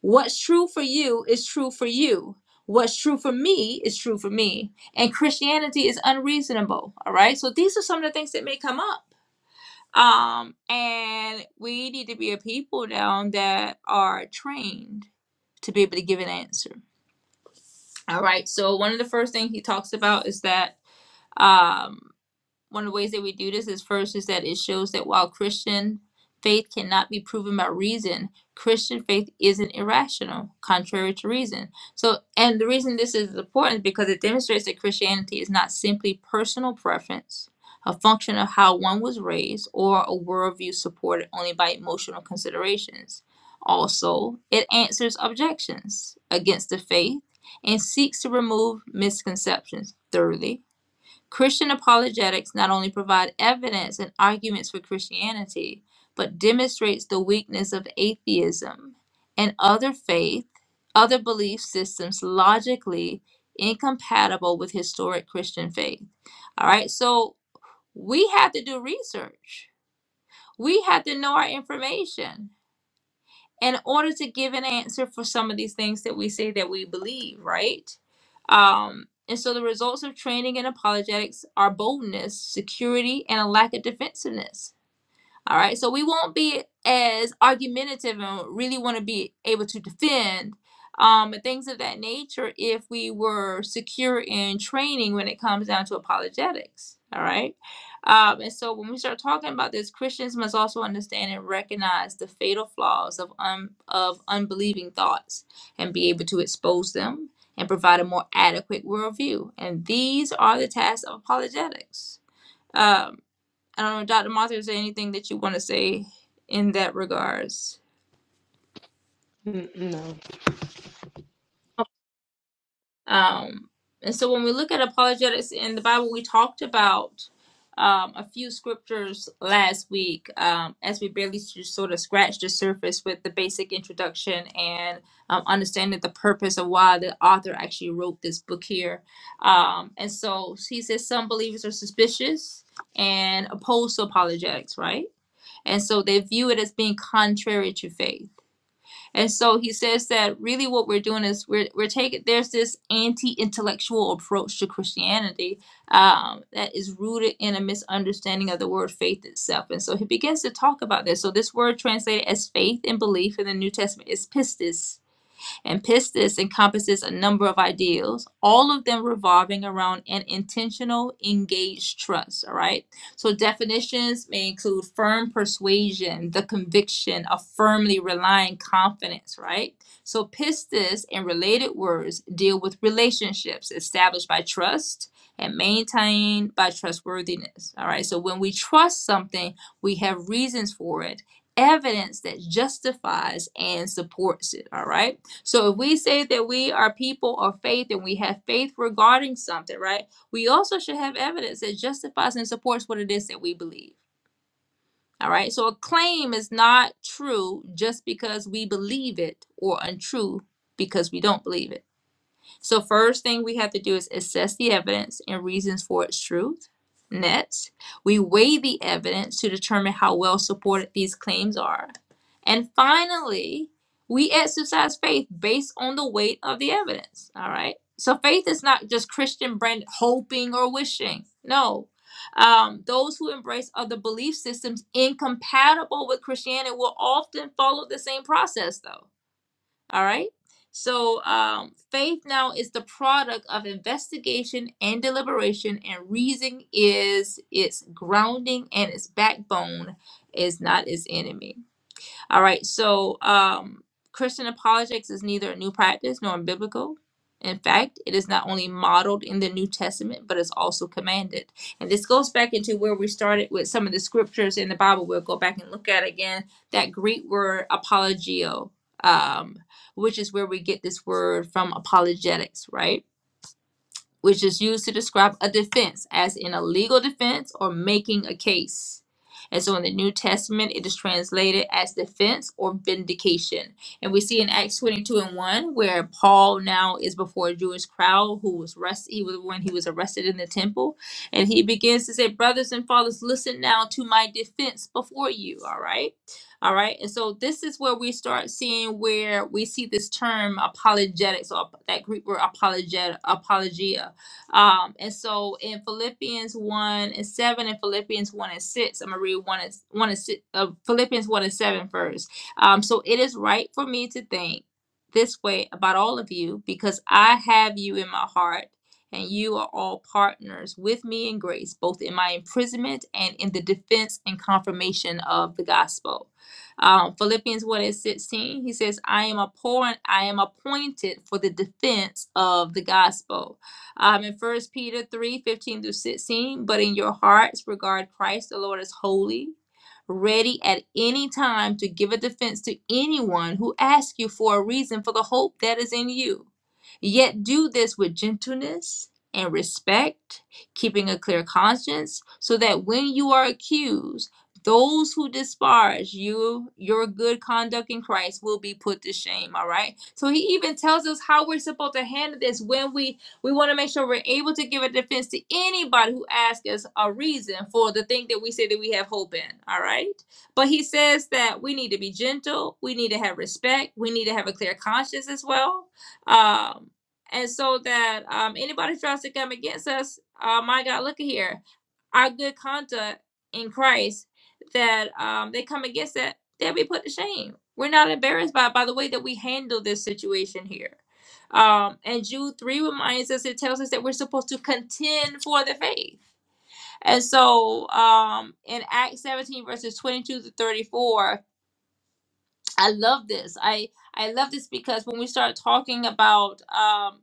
S1: What's true for you is true for you. What's true for me is true for me. And Christianity is unreasonable. All right. So these are some of the things that may come up. Um, and we need to be a people now that are trained to be able to give an answer. All right. So one of the first things he talks about is that um, one of the ways that we do this is first is that it shows that while Christian faith cannot be proven by reason, Christian faith isn't irrational, contrary to reason. So, and the reason this is important is because it demonstrates that Christianity is not simply personal preference, a function of how one was raised, or a worldview supported only by emotional considerations. Also, it answers objections against the faith and seeks to remove misconceptions. Thirdly, Christian apologetics not only provide evidence and arguments for Christianity, but demonstrates the weakness of atheism and other faith, other belief systems logically incompatible with historic Christian faith. All right, so we have to do research. We have to know our information in order to give an answer for some of these things that we say that we believe, right? Um, and so the results of training in apologetics are boldness, security, and a lack of defensiveness. All right. So we won't be as argumentative and really want to be able to defend um, and things of that nature if we were secure in training when it comes down to apologetics. All right. Um, and so when we start talking about this, Christians must also understand and recognize the fatal flaws of, un- of unbelieving thoughts and be able to expose them and provide a more adequate worldview. And these are the tasks of apologetics. Um, I don't know, Dr. Martha, is there anything that you want to say in that regards?
S2: Mm, No.
S1: Um, and so when we look at apologetics in the Bible, we talked about um, a few scriptures last week um, as we barely just sort of scratched the surface with the basic introduction and um, understanding the purpose of why the author actually wrote this book here. Um, and so he says some believers are suspicious and opposed to apologetics, right? And so they view it as being contrary to faith. And so he says that really what we're doing is we're, we're taking, there's this anti intellectual approach to Christianity um, that is rooted in a misunderstanding of the word faith itself. And so he begins to talk about this. So this word translated as faith and belief in the New Testament is pistis and pistis encompasses a number of ideals, all of them revolving around an intentional, engaged trust. All right. So definitions may include firm persuasion, the conviction of firmly relying confidence, right? So pistis and related words deal with relationships established by trust and maintained by trustworthiness. All right. So when we trust something, we have reasons for it, evidence that justifies and supports it. All right. So if we say that we are people of faith and we have faith regarding something, right? We also should have evidence that justifies and supports what it is that we believe. All right. So a claim is not true just because we believe it or untrue because we don't believe it. So first thing we have to do is assess the evidence and reasons for its truth. Next, we weigh the evidence to determine how well supported these claims are. And finally, we exercise faith based on the weight of the evidence. All right. So faith is not just Christian brand hoping or wishing. No. Um, those who embrace other belief systems incompatible with Christianity will often follow the same process, though all right. So um, faith now is the product of investigation and deliberation, and reason is its grounding and its backbone is not its enemy. All right. So, um, Christian apologetics is neither a new practice nor biblical. In fact, it is not only modeled in the New Testament, but it's also commanded. And this goes back into where we started with some of the scriptures in the Bible. We'll go back and look at again that Greek word apologio, um, which is where we get this word from apologetics, right? which is used to describe a defense, as in a legal defense or making a case. And so in the New Testament, it is translated as defense or vindication. And we see in Acts 22 and 1 where Paul now is before a Jewish crowd who was arrested. He was when he was arrested in the temple. And he begins to say, Brothers and fathers, listen now to my defense before you. All right. All right. And so this is where we start seeing where we see this term apologetics or that Greek word apologetic, apologia um, and so in Philippians 1 and 7 and Philippians 1 and 6, I'm going to read 1 and, 1 and 6, uh, Philippians 1 and 7 first. Um, so it is right for me to think this way about all of you because I have you in my heart and you are all partners with me in grace, both in my imprisonment and in the defense and confirmation of the gospel. Um, Philippians 1 and 16, he says, I am, appoint- I am appointed for the defense of the gospel um, in First Peter 3 15 through 16. But in your hearts, regard Christ the Lord as holy, ready at any time to give a defense to anyone who asks you for a reason for the hope that is in you. Yet do this with gentleness and respect, keeping a clear conscience, so that when you are accused, those who disparage you, your good conduct in Christ will be put to shame. All right. So he even tells us how we're supposed to handle this when we we want to make sure we're able to give a defense to anybody who asks us a reason for the thing that we say that we have hope in. All right. But he says that we need to be gentle, we need to have respect, we need to have a clear conscience as well. Um, and so that um, anybody who tries to come against us, uh, my God, look at here. Our good conduct in Christ, that um, they come against that, they'll be put to shame. We're not embarrassed by, by the way that we handle this situation here. Um, and Jude 3 reminds us, it tells us that we're supposed to contend for the faith. And so um, in Acts 17, verses 22 to 34, I love this. I, I love this because when we start talking about um,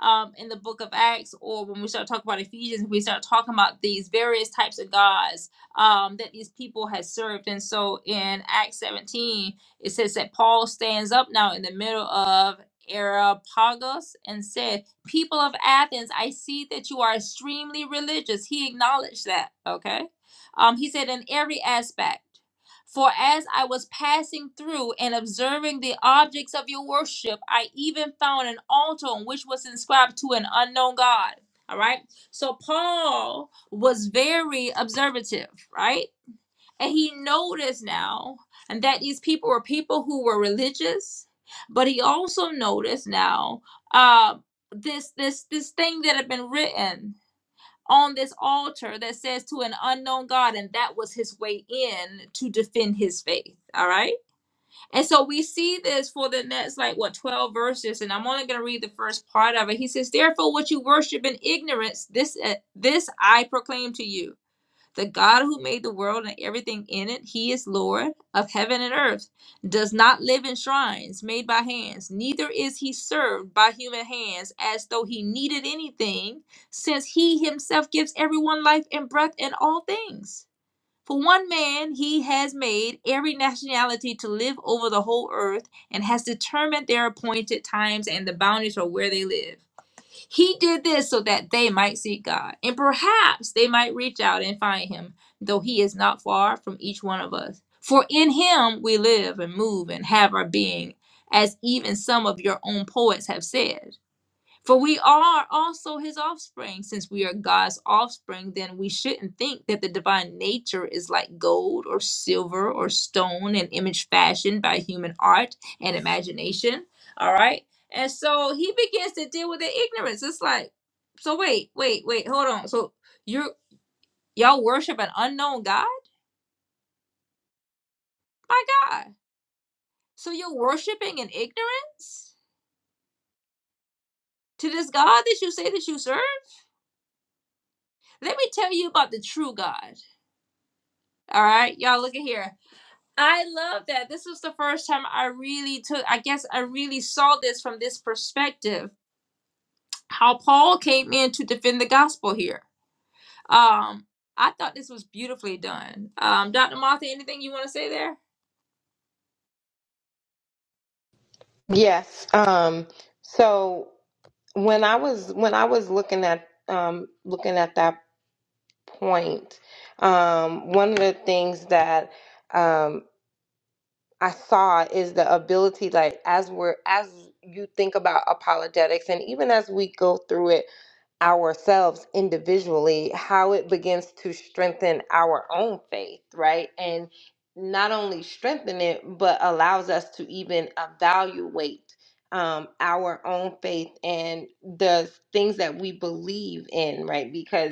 S1: um, in the book of Acts, or when we start talking about Ephesians, we start talking about these various types of gods um, that these people had served. And so in Acts 17, it says that Paul stands up now in the middle of Areopagus and said, People of Athens, I see that you are extremely religious. He acknowledged that, okay? Um, he said, In every aspect. For as I was passing through and observing the objects of your worship, I even found an altar on which was inscribed to an unknown God. All right. So Paul was very observative, right? And he noticed now that these people were people who were religious, but he also noticed now uh, this this this thing that had been written on this altar that says to an unknown God, and that was his way in to defend his faith. All right. And so we see this for the next, like, what, 12 verses. And I'm only going to read the first part of it. He says, Therefore, what you worship in ignorance, this, uh, this I proclaim to you the God who made the world and everything in it, he is Lord of heaven and earth, does not live in shrines made by hands, neither is he served by human hands as though he needed anything, since he himself gives everyone life and breath and all things. For one man, he has made every nationality to live over the whole earth and has determined their appointed times and the boundaries of where they live he did this so that they might seek God, and perhaps they might reach out and find him, though he is not far from each one of us. For in him we live and move and have our being, as even some of your own poets have said. For we are also his offspring. Since we are God's offspring, then we shouldn't think that the divine nature is like gold or silver or stone, an image fashioned by human art and imagination. All right. And so he begins to deal with the ignorance. It's like, so wait, wait, wait, hold on. So you're y'all worship an unknown God? My God. So you're worshiping in ignorance to this God that you say that you serve? Let me tell you about the true God. All right, y'all look at here. I love that. This was the first time I really took, I guess I really saw this from this perspective, how Paul came in to defend the gospel here. Um, I thought this was beautifully done. Um, Dr. Martha, anything you want to say there?
S2: Yes. Um, so when I was when I was looking at um, looking at that point, um, one of the things that um, I saw is the ability, like as we're as you think about apologetics, and even as we go through it ourselves individually, how it begins to strengthen our own faith, right? And not only strengthen it, but allows us to even evaluate um, our own faith and the things that we believe in, right? Because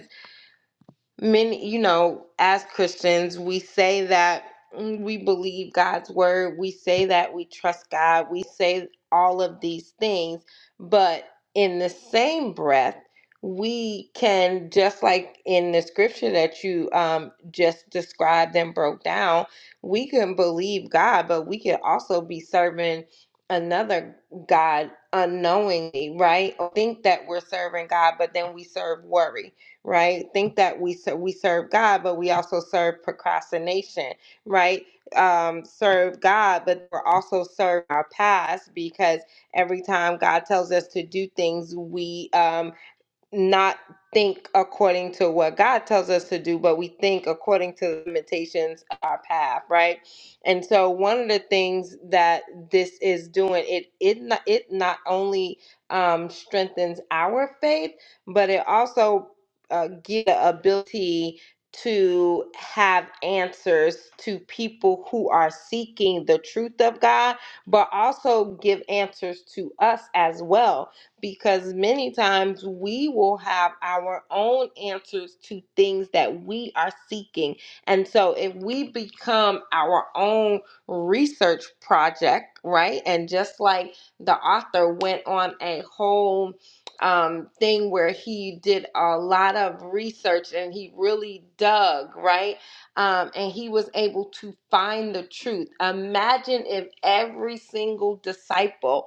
S2: many you know as christians we say that mm, we believe god's word we say that we trust god we say all of these things but in the same breath we can just like in the scripture that you um, just described and broke down we can believe god but we can also be serving another god unknowingly right Or think that we're serving god but then we serve worry right? Think that we ser- we serve God, but we also serve procrastination, right? Um, serve God, but we're also serve our past because every time God tells us to do things, we um, not think according to what God tells us to do, but we think according to the limitations of our path, right? And so one of the things that this is doing, it it not, it not only um, strengthens our faith, but it also uh, gives the ability to have answers to people who are seeking the truth of God, but also give answers to us as well because many times we will have our own answers to things that we are seeking. And so if we become our own research project, right? And just like the author went on a whole um, thing where he did a lot of research and he really dug, right? Um, and he was able to find the truth. Imagine if every single disciple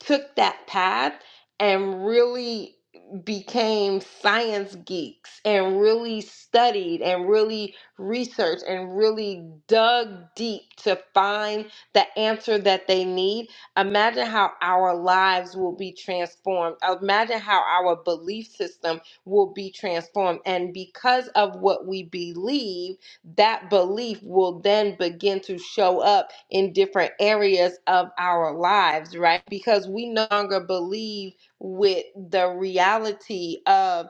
S2: took that path and really became science geeks and really studied and really researched and really dug deep to find the answer that they need imagine how our lives will be transformed imagine how our belief system will be transformed and because of what we believe that belief will then begin to show up in different areas of our lives, right? Because we no longer believe with the reality of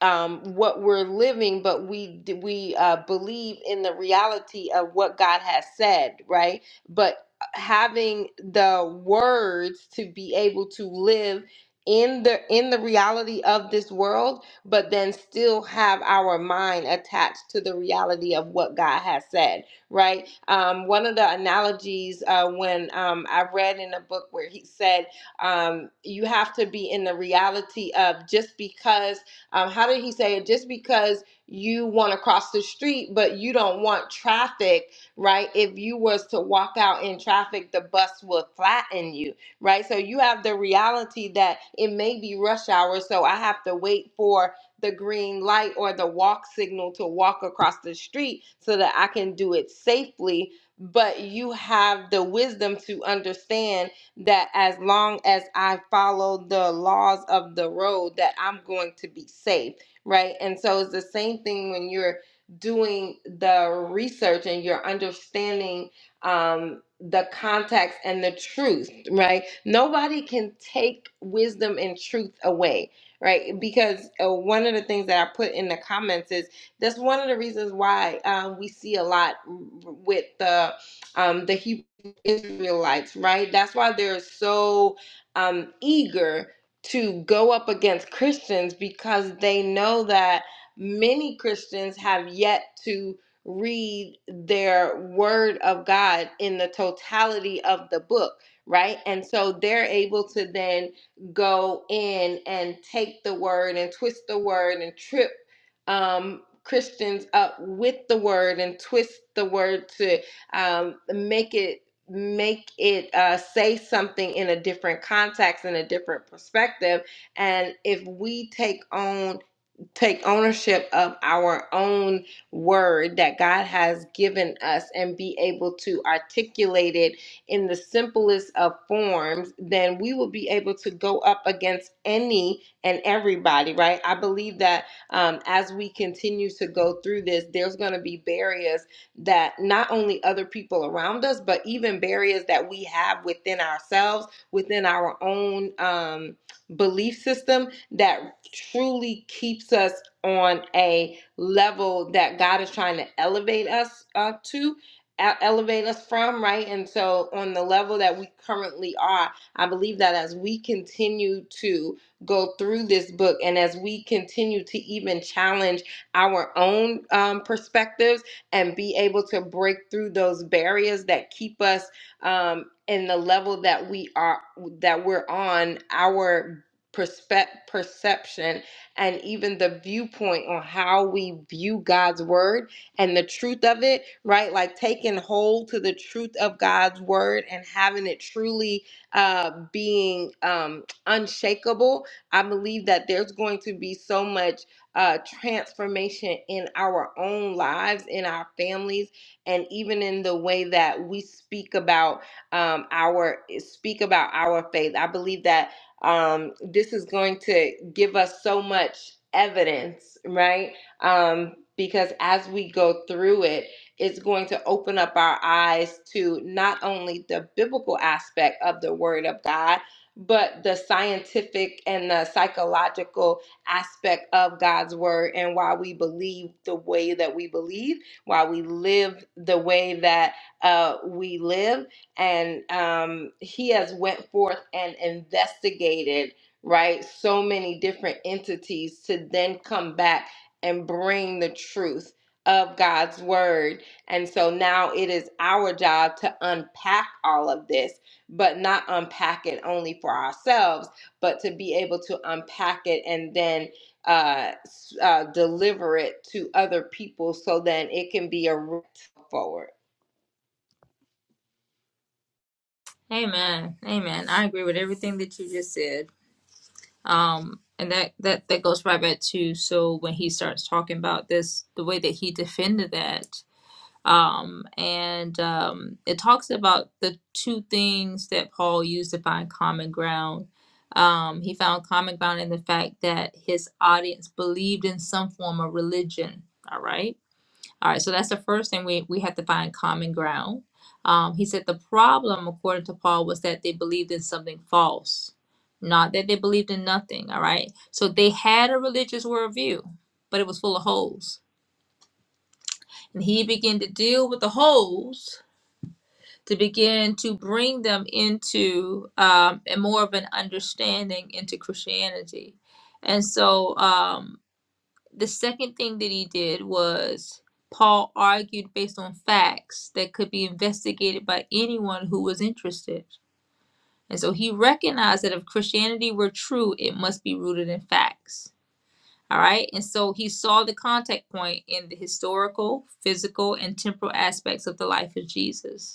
S2: um, what we're living, but we we uh, believe in the reality of what God has said, right? But uh, having the words to be able to live in the in the reality of this world but then still have our mind attached to the reality of what god has said right um one of the analogies uh when um i read in a book where he said um you have to be in the reality of just because um, how did he say it? Just because you want to cross the street, but you don't want traffic, right? If you was to walk out in traffic, the bus will flatten you, right? So you have the reality that it may be rush hour, so I have to wait for the green light or the walk signal to walk across the street so that I can do it safely. But you have the wisdom to understand that as long as I follow the laws of the road, that I'm going to be safe, right? And so it's the same thing when you're doing the research and you're understanding um, the context and the truth, right? Nobody can take wisdom and truth away, right? Because uh, one of the things that I put in the comments is that's one of the reasons why um, we see a lot with the um, the Hebrew. Israelites, right? That's why they're so um, eager to go up against Christians because they know that many Christians have yet to read their word of God in the totality of the book, right? And so they're able to then go in and take the word and twist the word and trip um, Christians up with the word and twist the word to um, make it make it uh, say something in a different context in a different perspective and if we take on take ownership of our own word that God has given us and be able to articulate it in the simplest of forms, then we will be able to go up against any and everybody, right? I believe that um, as we continue to go through this, there's going to be barriers that not only other people around us, but even barriers that we have within ourselves, within our own. Um, belief system that truly keeps us on a level that God is trying to elevate us uh, to, e- elevate us from, right? And so, on the level that we currently are, I believe that as we continue to go through this book and as we continue to even challenge our own um, perspectives and be able to break through those barriers that keep us um, in the level that we are that we're on our perspe- perception and even the viewpoint on how we view God's word and the truth of it, right? Like taking hold to the truth of God's word and having it truly uh, being um, unshakable. I believe that there's going to be so much uh, transformation in our own lives, in our families, and even in the way that we speak about um, our speak about our faith. I believe that um, this is going to give us so much evidence, right? Um, because as we go through it, it's going to open up our eyes to not only the biblical aspect of the Word of God, but the scientific and the psychological aspect of God's Word and why we believe the way that we believe, why we live the way that uh, we live and um, he has went forth and investigated right so many different entities to then come back and bring the truth of god's word and so now it is our job to unpack all of this but not unpack it only for ourselves but to be able to unpack it and then uh, s- uh, deliver it to other people so then it can be a route forward
S1: Amen. Amen. I agree with everything that you just said. Um, and that, that, that goes right back to, so when he starts talking about this, the way that he defended that, Um, and um, it talks about the two things that Paul used to find common ground. Um, he found common ground in the fact that his audience believed in some form of religion. All right. All right. So that's the first thing we, we have to find common ground. Um, he said the problem, according to Paul, was that they believed in something false, not that they believed in nothing. All right. So they had a religious worldview, but it was full of holes. And he began to deal with the holes to begin to bring them into um, a more of an understanding into Christianity. And so um, the second thing that he did was Paul argued based on facts that could be investigated by anyone who was interested. And so he recognized that if Christianity were true, it must be rooted in facts. All right. And so he saw the contact point in the historical, physical, and temporal aspects of the life of Jesus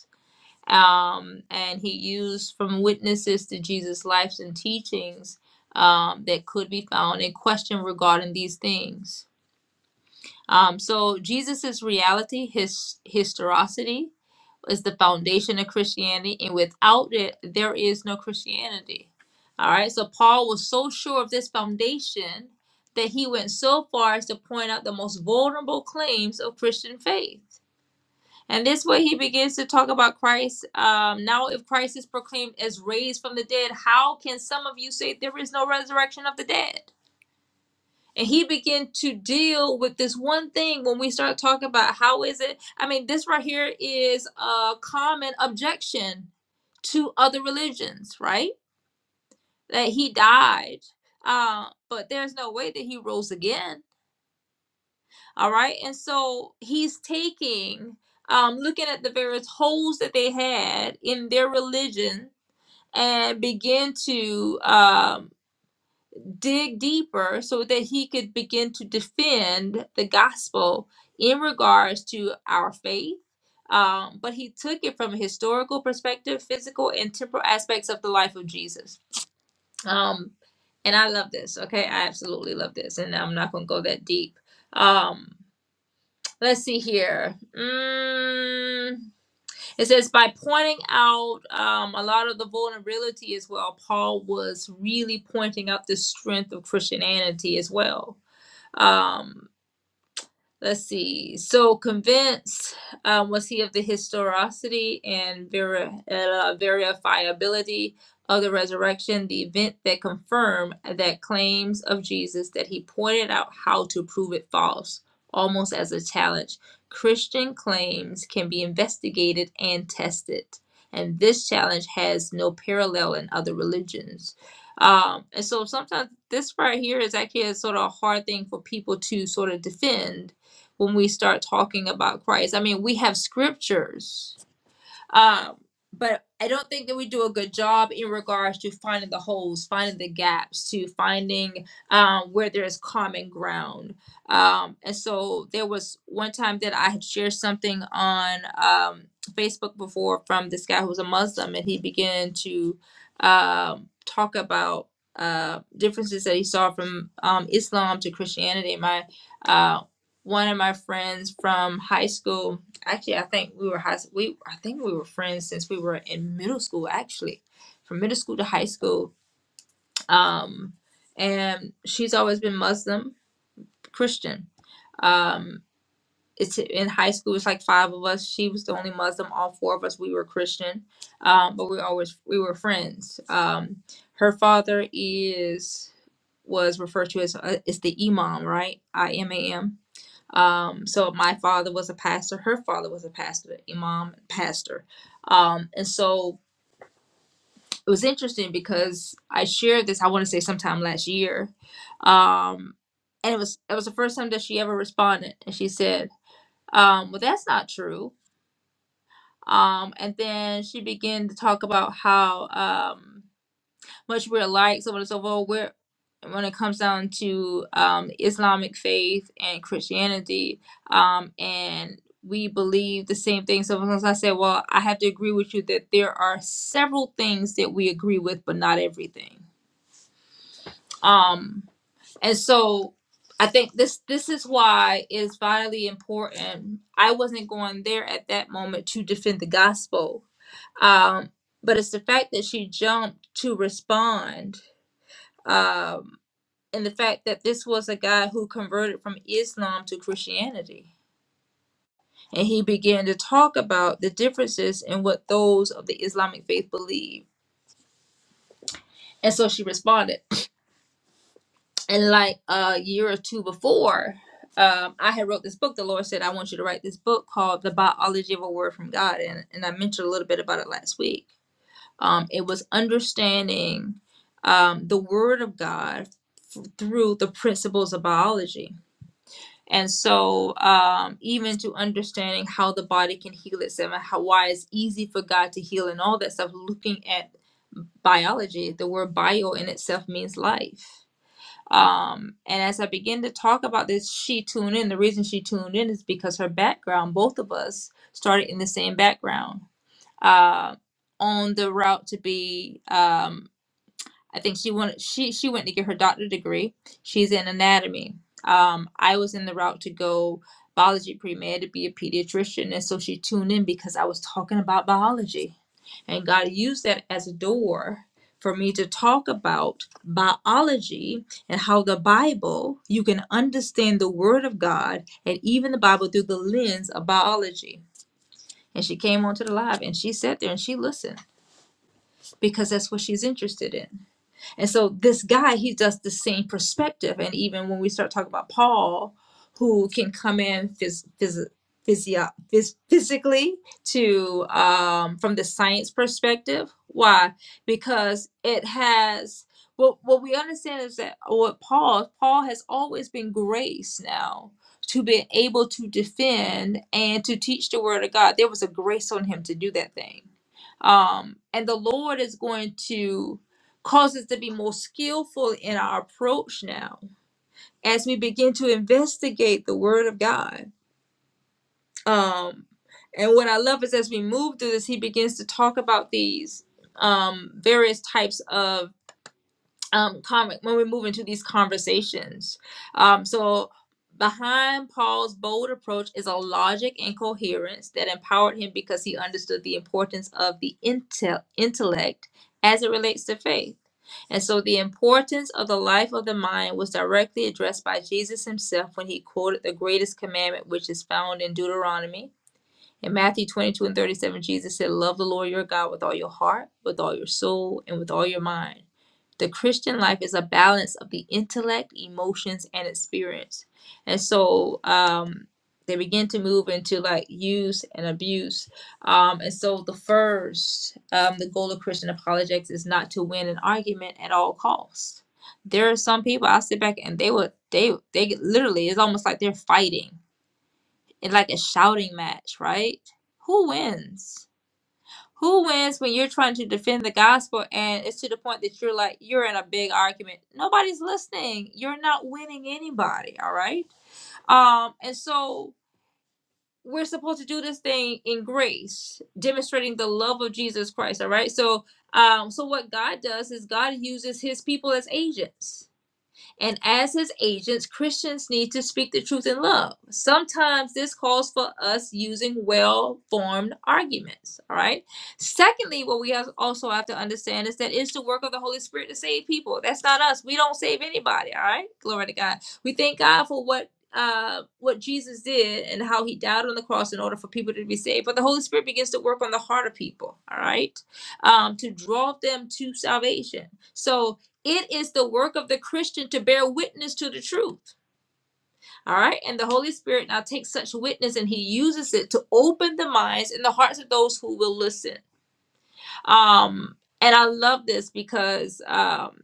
S1: um, and he used from witnesses to Jesus' lives and teachings um, that could be found in question regarding these things. Um, so Jesus' reality, his historicity, is the foundation of Christianity, and without it, there is no Christianity. All right. So Paul was so sure of this foundation that he went so far as to point out the most vulnerable claims of Christian faith. And this way he begins to talk about Christ. Um, now, if Christ is proclaimed as raised from the dead, how can some of you say there is no resurrection of the dead? And he began to deal with this one thing when we start talking about how is it? I mean, this right here is a common objection to other religions, right? That he died, uh, but there's no way that he rose again All right. And so he's taking, um, looking at the various holes that they had in their religion and begin to um, dig deeper so that he could begin to defend the gospel in regards to our faith. Um, but he took it from a historical perspective, physical and temporal aspects of the life of Jesus. Um, and I love this. Okay. I absolutely love this. And I'm not going to go that deep. Um, Let's see here. Mm, it says by pointing out um, a lot of the vulnerability as well, Paul was really pointing out the strength of Christianity as well. Um, Let's see. So convinced um, was he of the historicity and ver- uh, verifiability of the resurrection, the event that confirmed that claims of Jesus that he pointed out how to prove it false, almost as a challenge. Christian claims can be investigated and tested, and this challenge has no parallel in other religions. Um, and so sometimes this right here is actually a sort of a hard thing for people to sort of defend when we start talking about Christ. I mean, we have scriptures um, but I don't think that we do a good job in regards to finding the holes, finding the gaps, to finding um, where there is common ground. Um, and so there was one time that I had shared something on um, Facebook before from this guy who was a Muslim, and he began to um, talk about uh, differences that he saw from um, Islam to Christianity. My uh, one of my friends from high school Actually, I think we were high. We I think we were friends since we were in middle school. Actually, from middle school to high school. Um, and she's always been Muslim Christian. Um, it's in high school. It's like five of us. She was the only Muslim. All four of us we were Christian. Um, but we always we were friends. Um, her father is was referred to as uh, is the imam, right? I M A M um, so my father was a pastor, her father was a pastor, imam, pastor. Um, and so it was interesting because I shared this, I want to say sometime last year. Um, and it was it was the first time that she ever responded. And she said, um, well, that's not true. Um, and then she began to talk about how um much we're alike, so on and so forth. We're, when it comes down to um, Islamic faith and Christianity, um, and we believe the same thing. So sometimes I say, well, I have to agree with you that there are several things that we agree with, but not everything. Um, and so I think this this is why it's vitally important. I wasn't going there at that moment to defend the gospel, um, but it's the fact that she jumped to respond um, and the fact that this was a guy who converted from Islam to Christianity. And he began to talk about the differences in what those of the Islamic faith believe. And so she responded. And like a year or two before, um, I had wrote this book. The Lord said, I want you to write this book called The Biology of a Word from God. And, and I mentioned a little bit about it last week. Um, it was understanding um, the Word of God f- through the principles of biology And so, um, even to understanding how the body can heal itself and how, why it's easy for God to heal and all that stuff, looking at biology, the word bio in itself means life. Um, and as I begin to talk about this, she tuned in. The reason she tuned in is because her background, both of us started in the same background uh, on the route to be. um, I think she went she she went to get her doctorate degree. She's in anatomy. Um, I was in the route to go biology pre med to be a pediatrician, and so she tuned in because I was talking about biology, and God used that as a door for me to talk about biology and how the Bible you can understand the Word of God and even the Bible through the lens of biology. And she came onto the live and she sat there and she listened because that's what she's interested in. And so this guy, he does the same perspective. And even when we start talking about Paul, who can come in phys- phys- physio- phys- physically to um, from the science perspective, why? Because it has what what we understand is that what Paul Paul has always been grace now to be able to defend and to teach the word of God. There was a grace on him to do that thing. Um, and the Lord is going to cause us to be more skillful in our approach now as we begin to investigate the word of god um and what i love is as we move through this he begins to talk about these um various types of um con- when we move into these conversations um so behind paul's bold approach is a logic and coherence that empowered him because he understood the importance of the intel- intellect as it relates to faith and so the importance of the life of the mind was directly addressed by jesus himself when he quoted the greatest commandment which is found in deuteronomy in Matthew 22 and 37, Jesus said, Love the Lord your God with all your heart, with all your soul, and with all your mind. The Christian life is a balance of the intellect, emotions, and experience. And so um, they begin to move into like use and abuse. Um, and so the first, um, the goal of Christian apologetics is not to win an argument at all costs. There are some people I sit back and they would they they literally it's almost like they're fighting in like a shouting match, right? Who wins? Who wins when you're trying to defend the gospel and it's to the point that you're like, you're in a big argument? Nobody's listening. You're not winning anybody, all right? Um, and so we're supposed to do this thing in grace, demonstrating the love of Jesus Christ, all right? So, um, so what God does is God uses his people as agents and as his agents, Christians need to speak the truth in love. Sometimes this calls for us using well formed arguments. All right. Secondly, what we have also have to understand is that it's the work of the Holy Spirit to save people. That's not us. We don't save anybody. All right. Glory to God. We thank God for what uh what Jesus did and how he died on the cross in order for people to be saved. But the Holy Spirit begins to work on the heart of people, all right? Um, to draw them to salvation. So it is the work of the Christian to bear witness to the truth. All right. And the Holy Spirit now takes such witness and he uses it to open the minds and the hearts of those who will listen. Um, and I love this because um,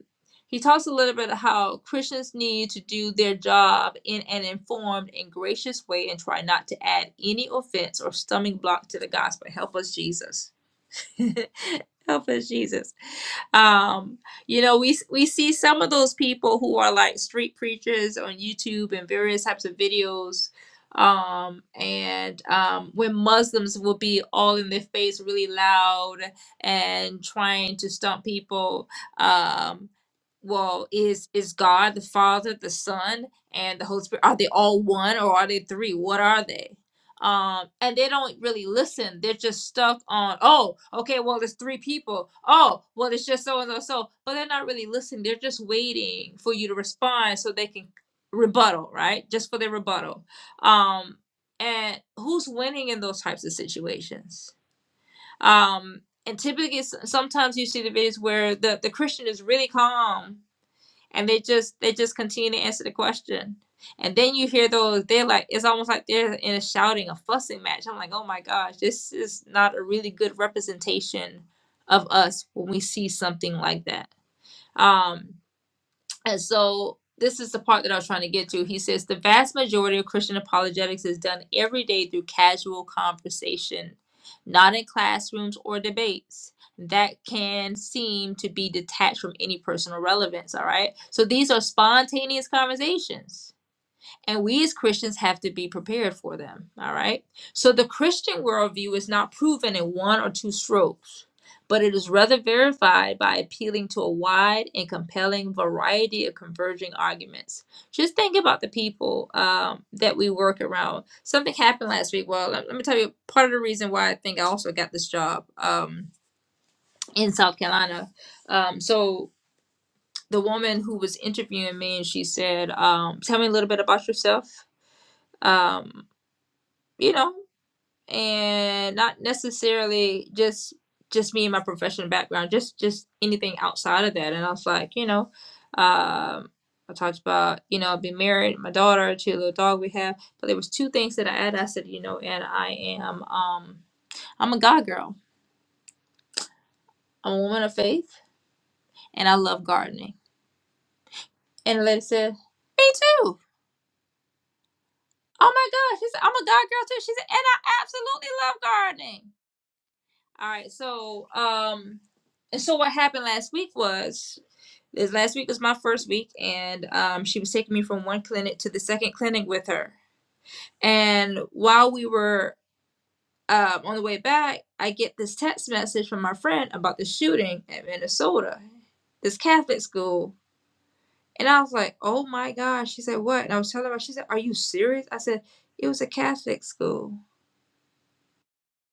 S1: he talks a little bit of how Christians need to do their job in an informed and gracious way and try not to add any offense or stumbling block to the gospel. Help us, Jesus. Help us, Jesus. Um, you know, we we see some of those people who are like street preachers on YouTube and various types of videos. Um, and um, when Muslims will be all in their face, really loud and trying to stump people. Um, well, is is God the Father, the Son, and the Holy Spirit? Are they all one or are they three? What are they? um and they don't really listen they're just stuck on oh okay well it's three people oh well it's just so and so so but they're not really listening they're just waiting for you to respond so they can rebuttal right just for their rebuttal um and who's winning in those types of situations um and typically s- sometimes you see the videos where the the christian is really calm and they just they just continue to answer the question and then you hear those they're like it's almost like they're in a shouting a fussing match i'm like oh my gosh this is not a really good representation of us when we see something like that Um, and so this is the part that I was trying to get to. He says the vast majority of Christian apologetics is done every day through casual conversation, not in classrooms or debates. That can seem to be detached from any personal relevance, all right? So these are spontaneous conversations and we as Christians have to be prepared for them. All right. So the Christian worldview is not proven in one or two strokes, but it is rather verified by appealing to a wide and compelling variety of converging arguments. Just think about the people um, that we work around. Something happened last week. Well, let, let me tell you part of the reason why I think I also got this job um, in South Carolina. Um, so the woman who was interviewing me and she said, um, Tell me a little bit about yourself. Um, you know, and not necessarily just just me and my professional background, just just anything outside of that. And I was like, you know, um, I talked about you know being married, my daughter, to a little dog we have. But there was two things that I added. I said, you know, and I am um I'm a God girl. I'm a woman of faith, and I love gardening. And the lady said, me too. Oh my gosh, she said, I'm a God girl too. She said, and I absolutely love gardening. All right, so um. And so what happened last week was is last week was my first week, and um, she was taking me from one clinic to the second clinic with her. And while we were um, on the way back, I get this text message from my friend about the shooting at Minnesota, this Catholic school. And I was like, "Oh my gosh!" She said, "What?" And I was telling her. She said, "Are you serious?" I said, "It was a Catholic school."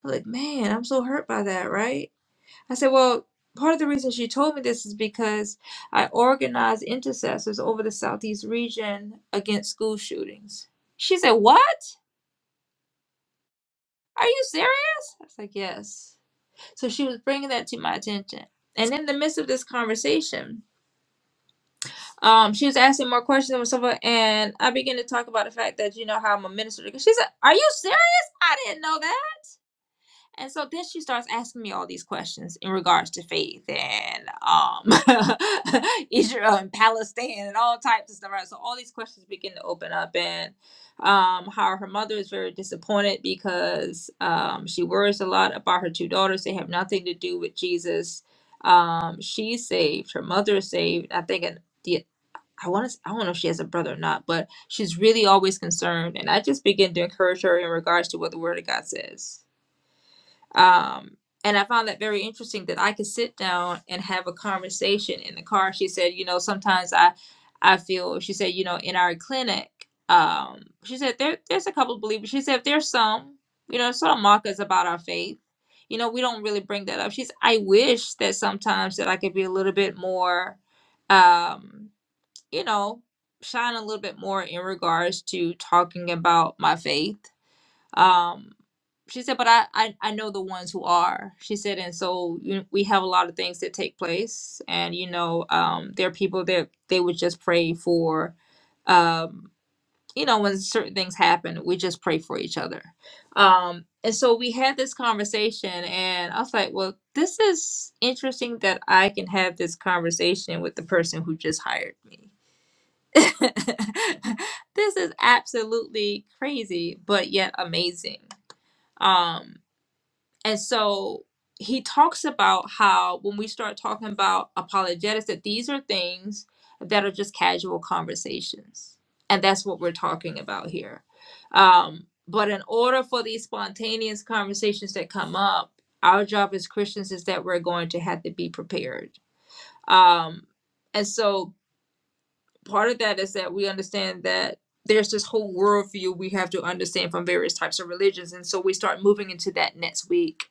S1: I am like, "Man, I'm so hurt by that, right?" I said, Well, part of the reason she told me this is because I organized intercessors over the Southeast region against school shootings. She said, What? Are you serious? I was like, Yes. So she was bringing that to my attention. And in the midst of this conversation, um, she was asking more questions and so forth. and I began to talk about the fact that you know how I'm a minister. She said, "Are you serious? I didn't know that." And so then she starts asking me all these questions in regards to faith and um, Israel and Palestine and all types of stuff. Right? So all these questions begin to open up, and um, how her mother is very disappointed because um, she worries a lot about her two daughters. They have nothing to do with Jesus. Um, she's saved. Her mother is saved. I think and the. I want to. I don't know if she has a brother or not, but she's really always concerned. And I just begin to encourage her in regards to what the Word of God says um, and I found that very interesting that I could sit down and have a conversation in the car. She said, you know, sometimes I, I feel, she said, you know, in our clinic, um, she said, there, there's a couple of believers. She said, there's some, you know, sort of mock us about our faith. You know, we don't really bring that up. She's, I wish that sometimes that I could be a little bit more, um, you know, shine a little bit more in regards to talking about my faith um, she said, but I, I, I know the ones who are. She said, and so you we have a lot of things that take place, and you know, um, there are people that they would just pray for. Um, you know, when certain things happen, we just pray for each other. Um, and so we had this conversation, and I was like, well, this is interesting that I can have this conversation with the person who just hired me. this is absolutely crazy, but yet amazing um, and so he talks about how when we start talking about apologetics, that these are things that are just casual conversations. And that's what we're talking about here. Um, but in order for these spontaneous conversations that come up, our job as Christians is that we're going to have to be prepared. Um, and so part of that is that we understand that there's this whole worldview we have to understand from various types of religions. And so we start moving into that next week.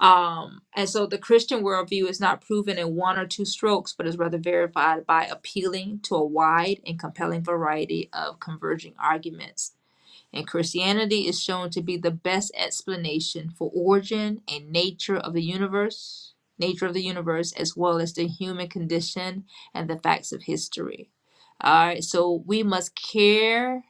S1: Um, and so the Christian worldview is not proven in one or two strokes, but is rather verified by appealing to a wide and compelling variety of converging arguments and Christianity is shown to be the best explanation for origin and nature of the universe, nature of the universe as well as the human condition and the facts of history. All right, so we must care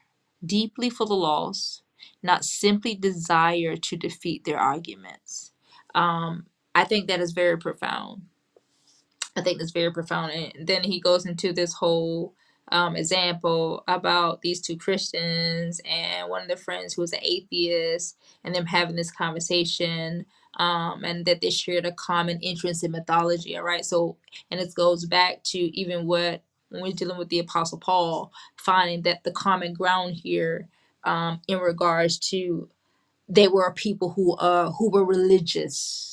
S1: deeply for the lost, not simply desire to defeat their arguments. Um, I think that is very profound I think that's very profound. And then he goes into this whole um, example about these two Christians and one of the friends who was an atheist, and them having this conversation, um, and that they shared a common interest in mythology. All right, so and it goes back to even what when we're dealing with the Apostle Paul, finding that the common ground here um, in regards to they were a people who uh who were religious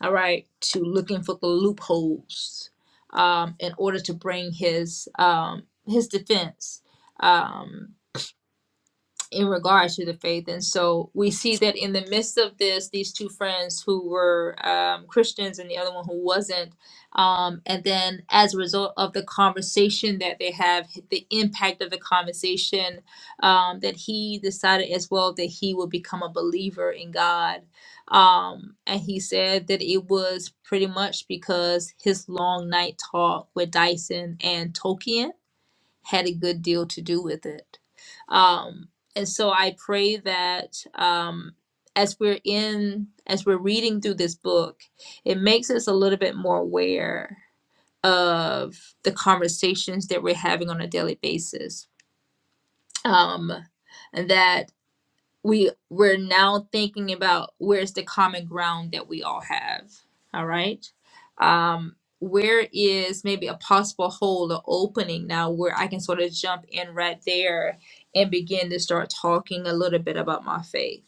S1: all right, to looking for the loopholes um, in order to bring his um, his defense. Um, in regards to the faith. And so we see that in the midst of this, these two friends who were um, Christians and the other one who wasn't, um, and then as a result of the conversation that they have, the impact of the conversation, um, that he decided as well that he would become a believer in God. Um, and he said that it was pretty much because his long night talk with Dyson and Tolkien had a good deal to do with it. Um, and so I pray that um, as we're in, as we're reading through this book, it makes us a little bit more aware of the conversations that we're having on a daily basis. Um, and that we we're now thinking about where's the common ground that we all have all right um where is maybe a possible hole or opening now where i can sort of jump in right there and begin to start talking a little bit about my faith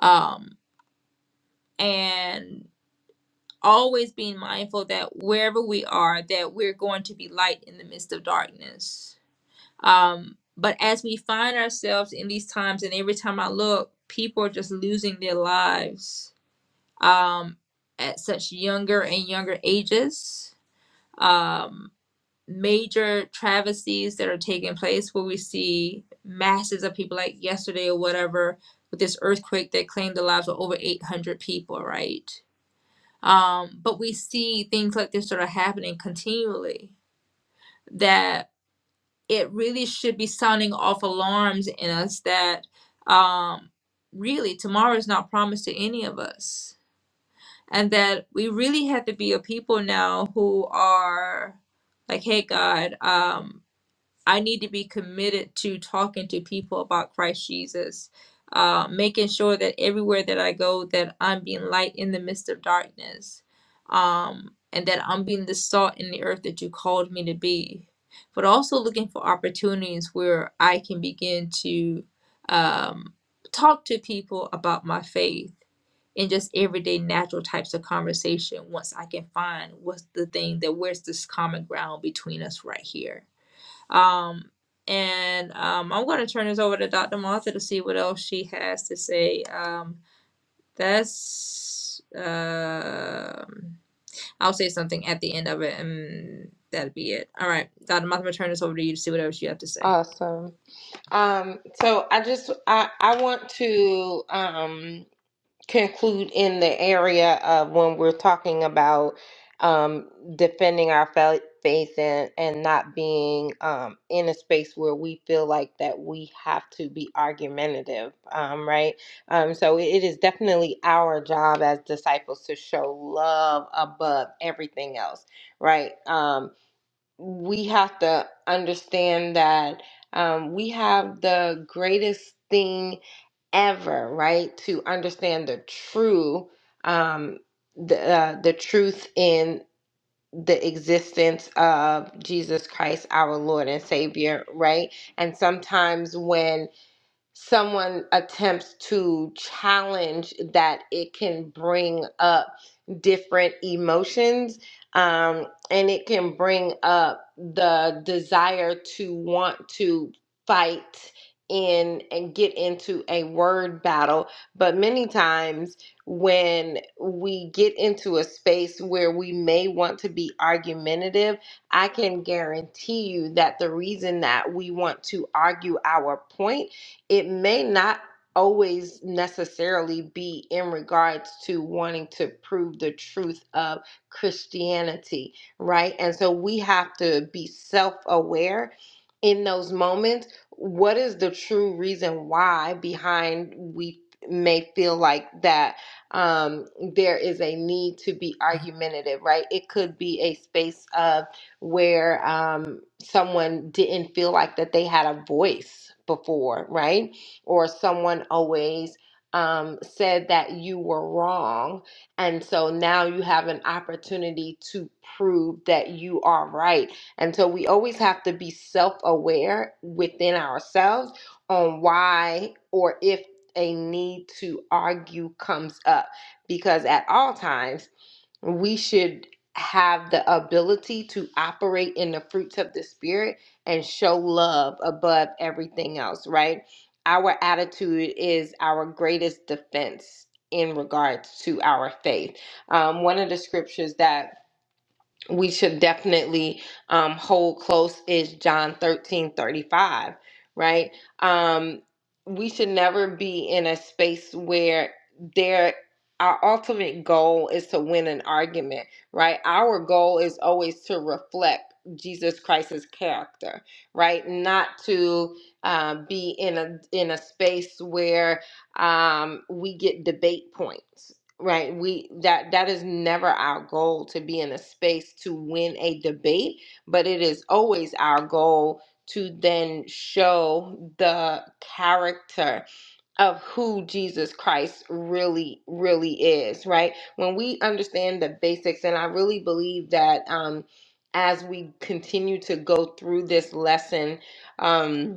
S1: um and always being mindful that wherever we are that we're going to be light in the midst of darkness Um, but as we find ourselves in these times, and every time I look, people are just losing their lives um, at such younger and younger ages. Um, major travesties that are taking place where we see masses of people, like yesterday or whatever, with this earthquake that claimed the lives of over 800 people, right? Um, but we see things like this sort of happening continually That it really should be sounding off alarms in us that um, really tomorrow is not promised to any of us. And that we really have to be a people now who are like, hey, God, um, I need to be committed to talking to people about Christ Jesus, uh, making sure that everywhere that I go, that I'm being light in the midst of darkness, um, and that I'm being the salt in the earth that you called me to be. But also looking for opportunities where I can begin to um, talk to people about my faith in just everyday natural types of conversation once I can find what's the thing that where's this common ground between us right here um, and um, I'm going to turn this over to Dr. Martha to see what else she has to say. Um, that's, um I'll say something at the end of it, and that'll be it. All right, Dr. Martha, I'm going to turn this over to you to see what else you have to say.
S2: awesome Um, so I just I, I want to um, conclude in the area of when we're talking about um, defending our fa- faith and, and not being um, in a space where we feel like that we have to be argumentative, um, right? Um, so it it is definitely our job as disciples to show love above everything else, right? Um, we have to understand that um, we have the greatest thing ever, right? To understand the true, um, the uh, the truth in the existence of Jesus Christ, our Lord and Savior, right? And sometimes when someone attempts to challenge that it can bring up different emotions um, and it can bring up the desire to want to fight in and get into a word battle but many times when we get into a space where we may want to be argumentative i can guarantee you that the reason that we want to argue our point it may not always necessarily be in regards to wanting to prove the truth of Christianity, right? And so we have to be self aware in those moments. What is the true reason why behind we may feel like that um, there is a need to be argumentative, right? It could be a space of where um, someone didn't feel like that they had a voice before, right? Or someone always um, said that you were wrong. And so now you have an opportunity to prove that you are right. And so we always have to be self aware within ourselves on why or if a need to argue comes up because at all times we should have the ability to operate in the fruits of the spirit and show love above everything else, right? Our attitude is our greatest defense in regards to our faith. Um, one of the scriptures that we should definitely um, hold close is John 13 35, right? Um, we should never be in a space where there our ultimate goal is to win an argument, right? Our goal is always to reflect Jesus Christ's character, right? Not to uh, be in a in a space where um, we get debate points right we that that is never our goal to be in a space to win a debate but it is always our goal to then show the character of who Jesus Christ really really is right when we understand the basics and i really believe that um as we continue to go through this lesson um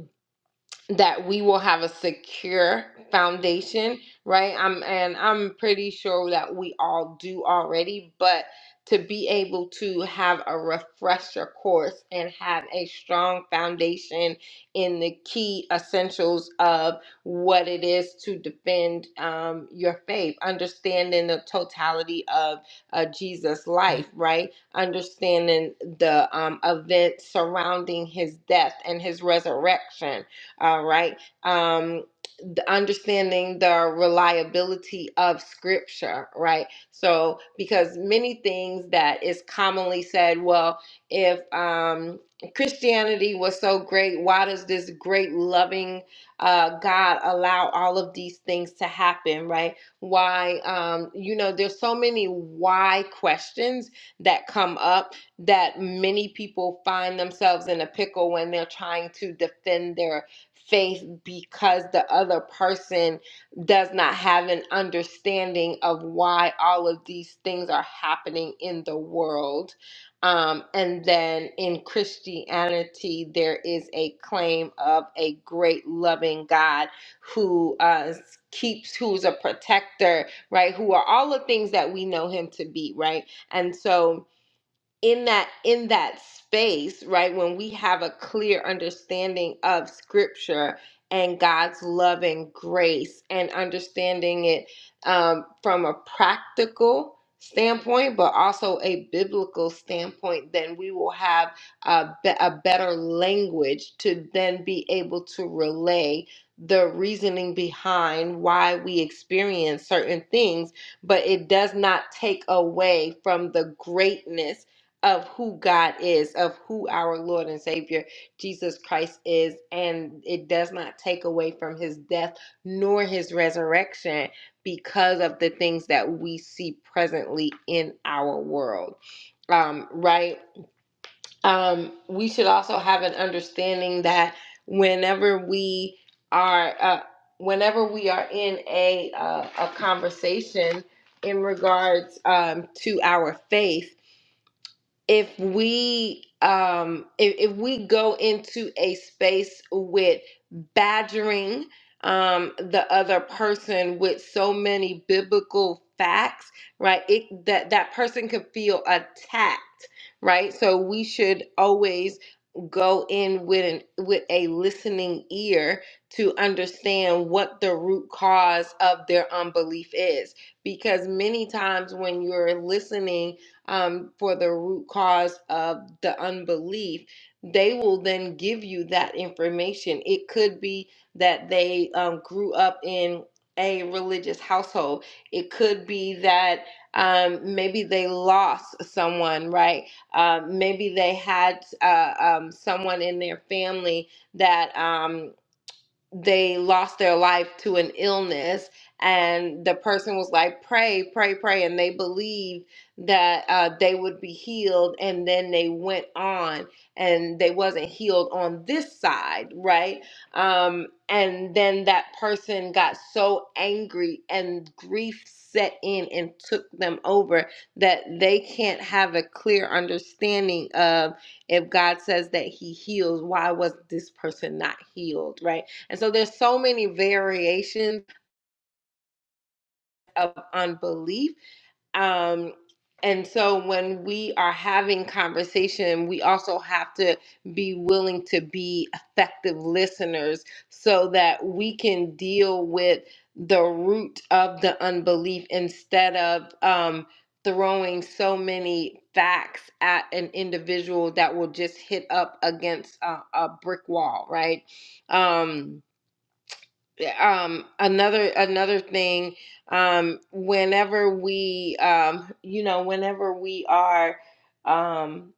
S2: that we will have a secure foundation, right? I'm and I'm pretty sure that we all do already, but to be able to have a refresher course and have a strong foundation in the key essentials of what it is to defend um, your faith, understanding the totality of uh, Jesus' life, right? Understanding the um, events surrounding his death and his resurrection all right. Um, the understanding the reliability of scripture, right? So, because many things that is commonly said, well, if um, Christianity was so great, why does this great loving uh, God allow all of these things to happen, right? Why, um, you know, there's so many why questions that come up that many people find themselves in a pickle when they're trying to defend their faith because the other person does not have an understanding of why all of these things are happening in the world. Um, and then in Christianity, there is a claim of a great loving God who uh, keeps, who's a protector, right? Who are all the things that we know him to be, right? And so in that in that space right when we have a clear understanding of scripture and god's love and grace and understanding it um, from a practical standpoint but also a biblical standpoint then we will have a, be- a better language to then be able to relay the reasoning behind why we experience certain things but it does not take away from the greatness of who God is, of who our Lord and Savior Jesus Christ is, and it does not take away from his death nor his resurrection because of the things that we see presently in our world. Um, right? Um, we should also have an understanding that whenever we are uh, whenever we are in a uh, a conversation in regards um, to our faith if we um if, if we go into a space with badgering um the other person with so many biblical facts right it that that person could feel attacked right so we should always go in with an, with a listening ear to understand what the root cause of their unbelief is because many times when you're listening um, for the root cause of the unbelief, they will then give you that information. It could be that they um, grew up in a religious household, it could be that um, maybe they lost someone, right? Um, maybe they had uh, um, someone in their family that. Um, they lost their life to an illness and the person was like pray pray pray and they believed that uh, they would be healed and then they went on and they wasn't healed on this side right um, and then that person got so angry and grief set in and took them over that they can't have a clear understanding of if god says that he heals why was this person not healed right and so there's so many variations of unbelief. Um, and so when we are having conversation, we also have to be willing to be effective listeners so that we can deal with the root of the unbelief instead of um, throwing so many facts at an individual that will just hit up against a, a brick wall, right? Um, eh, um another another thing um whenever we um you know whenever we are um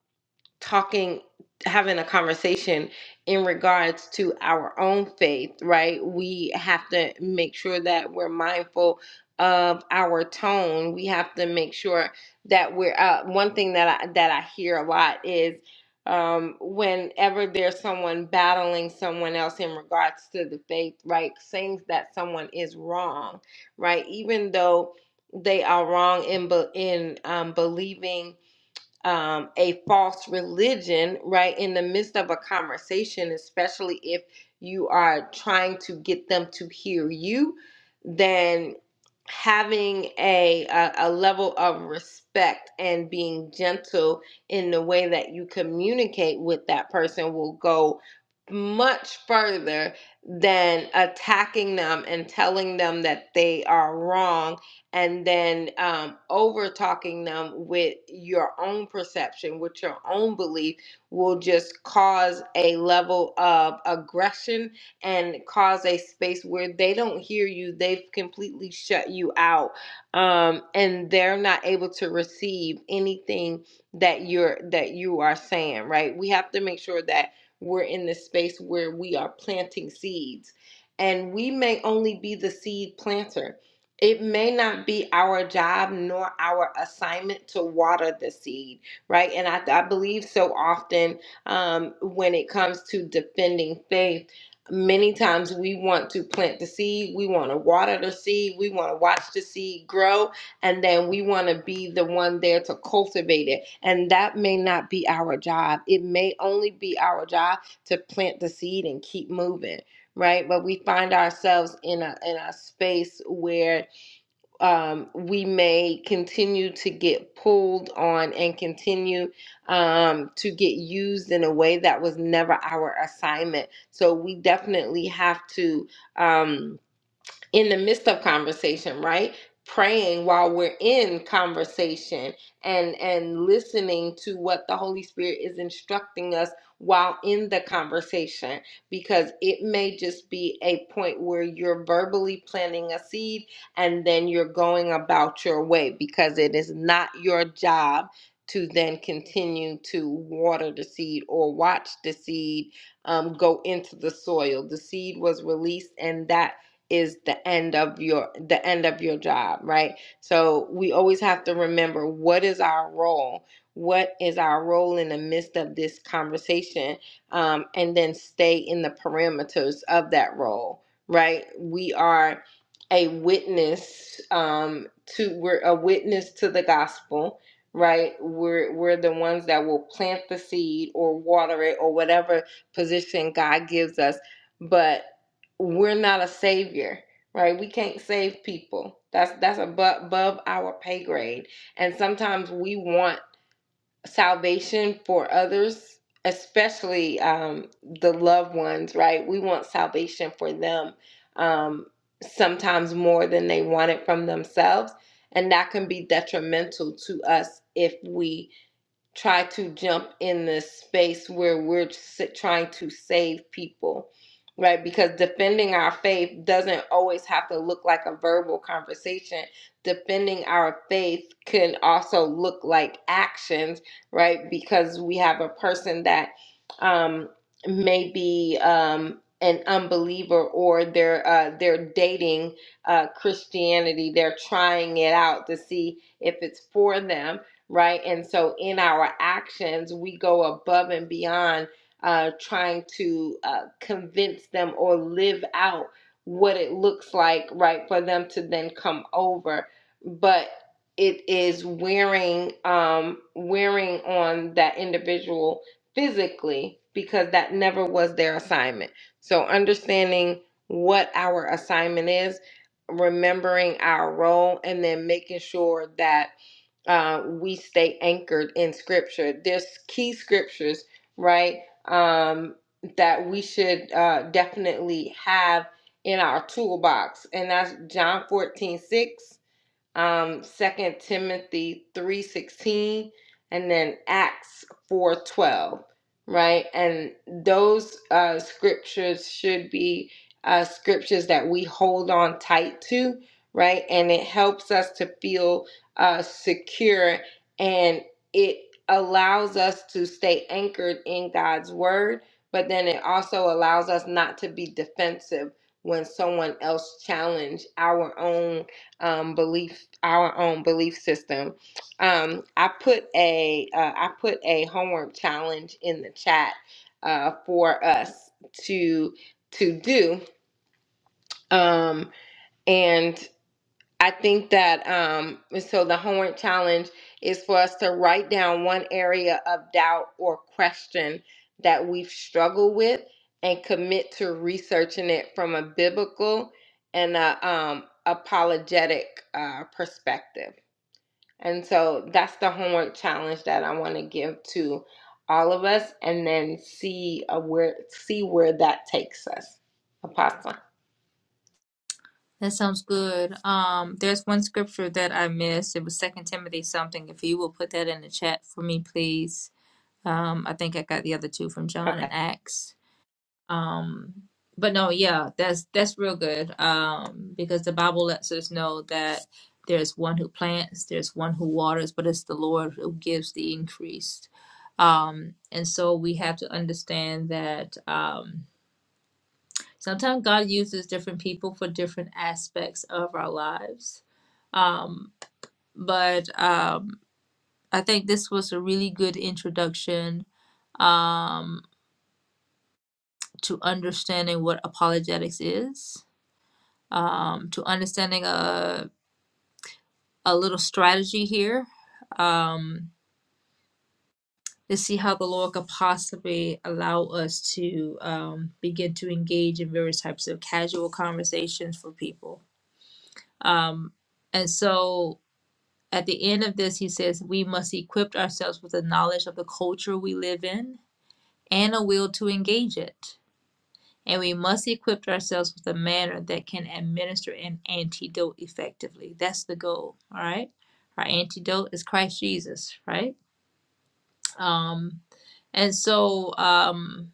S2: talking having a conversation in regards to our own faith right we have to make sure that we're mindful of our tone we have to make sure that we're uh, one thing that i that i hear a lot is um, whenever there's someone battling someone else in regards to the faith right saying that someone is wrong right even though they are wrong in be- in um, believing um, a false religion, right, in the midst of a conversation, especially if you are trying to get them to hear you, then having a, a, a level of respect and being gentle in the way that you communicate with that person will go much further than attacking them and telling them that they are wrong and then um, over talking them with your own perception, with your own belief, will just cause a level of aggression and cause a space where they don't hear you. They've completely shut you out, um, and they're not able to receive anything that you're that you are saying. Right? We have to make sure that we're in the space where we are planting seeds. And we may only be the seed planter, it may not be our job nor our assignment to water the seed, right? And I, I believe so often um, when it comes to defending faith, many times we want to plant the seed, we want to water the seed, we want to watch the seed grow, and then we want to be the one there to cultivate it. And that may not be our job. It may only be our job to plant the seed and keep moving right? But we find ourselves in a in a space where um, we may continue to get pulled on and continue um, to get used in a way that was never our assignment. So we definitely have to. Um, in the midst of conversation right praying while we're in conversation and and listening to what the holy spirit is instructing us while in the conversation because it may just be a point where you're verbally planting a seed and then you're going about your way because it is not your job to then continue to water the seed or watch the seed um, go into the soil. The seed was released, and that is the end of your the end of your job right so we always have to remember what is our role what is our role in the midst of this conversation um, and then stay in the parameters of that role right we are a witness um, to we're a witness to the gospel right we're we're the ones that will plant the seed or water it or whatever position god gives us but we're not a savior right we can't save people that's that's above, our pay grade and sometimes we want salvation for others especially um, the loved ones right we want salvation for them um, sometimes more than they want it from themselves and that can be detrimental to us if we try to jump in this space where we're trying to save people, right? Because defending our faith doesn't always have to look like a verbal conversation. Defending our faith can also look like actions, right? Because we have a person that um, may be um, an unbeliever or they're uh, they're dating uh, Christianity. They're trying it out to see if it's for them right? And so in our actions, we go above and beyond uh, trying to uh, convince them or live out what it looks like, right, for them to then come over. But it is wearing um, wearing on that individual physically because that never was their assignment. So understanding what our assignment is, remembering our role, and then making sure that uh, we stay anchored in scripture. There's key scriptures, right, um, that we should uh, definitely have in our toolbox, and that's John 14 6 um, 2 Timothy 3.16, and then Acts 4.12, right? And those uh, scriptures should be uh, scriptures that we hold on tight to, right? And it helps us to feel uh, secure and it allows us to stay anchored in God's word, but then it also allows us not to be defensive when someone else challenge our own um, belief, our own belief system. Um, I put a uh, I put a homework challenge in the chat uh, for us to to do, um, and I think that um, so the homework challenge is for us to write down one area of doubt or question that we've struggled with and commit to researching it from a biblical and a um, apologetic uh, perspective. And so that's the homework challenge that I want to give to all of us and then see uh, where see where that takes us. Apostle.
S1: That sounds good. Um, there's one scripture that I missed. It was Second Timothy something. If you will put that in the chat for me, please. Um, I think I got the other two from John
S2: Okay.
S1: and Acts. Um, but no, yeah, that's that's real good. Um, because the Bible lets us know that there's one who plants, there's one who waters, but it's the Lord who gives the increase. Um, and so we have to understand that um, sometimes God uses different people for different aspects of our lives. Um, but um, I think this was a really good introduction um, to understanding what apologetics is, um, to understanding a, a little strategy here um, to see how the Lord could possibly allow us to um, begin to engage in various types of casual conversations for people. Um, and so at the end of this, he says, we must equip ourselves with the knowledge of the culture we live in and a will to engage it. and we must equip ourselves with a manner that can administer an antidote effectively. That's the goal, all right? Our antidote is Christ Jesus, right? Um, and so um,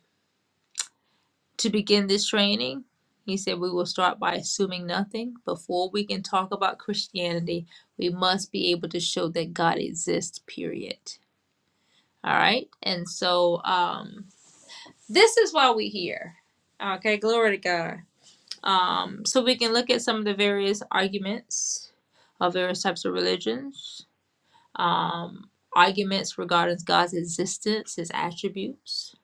S1: to begin this training, he said we will start by assuming nothing. Before we can talk about Christianity, we must be able to show that God exists, period. All right? And so um, this is why we're here. Okay, glory to God. Um, so we can look at some of the various arguments of various types of religions, um, arguments regarding God's existence, his attributes,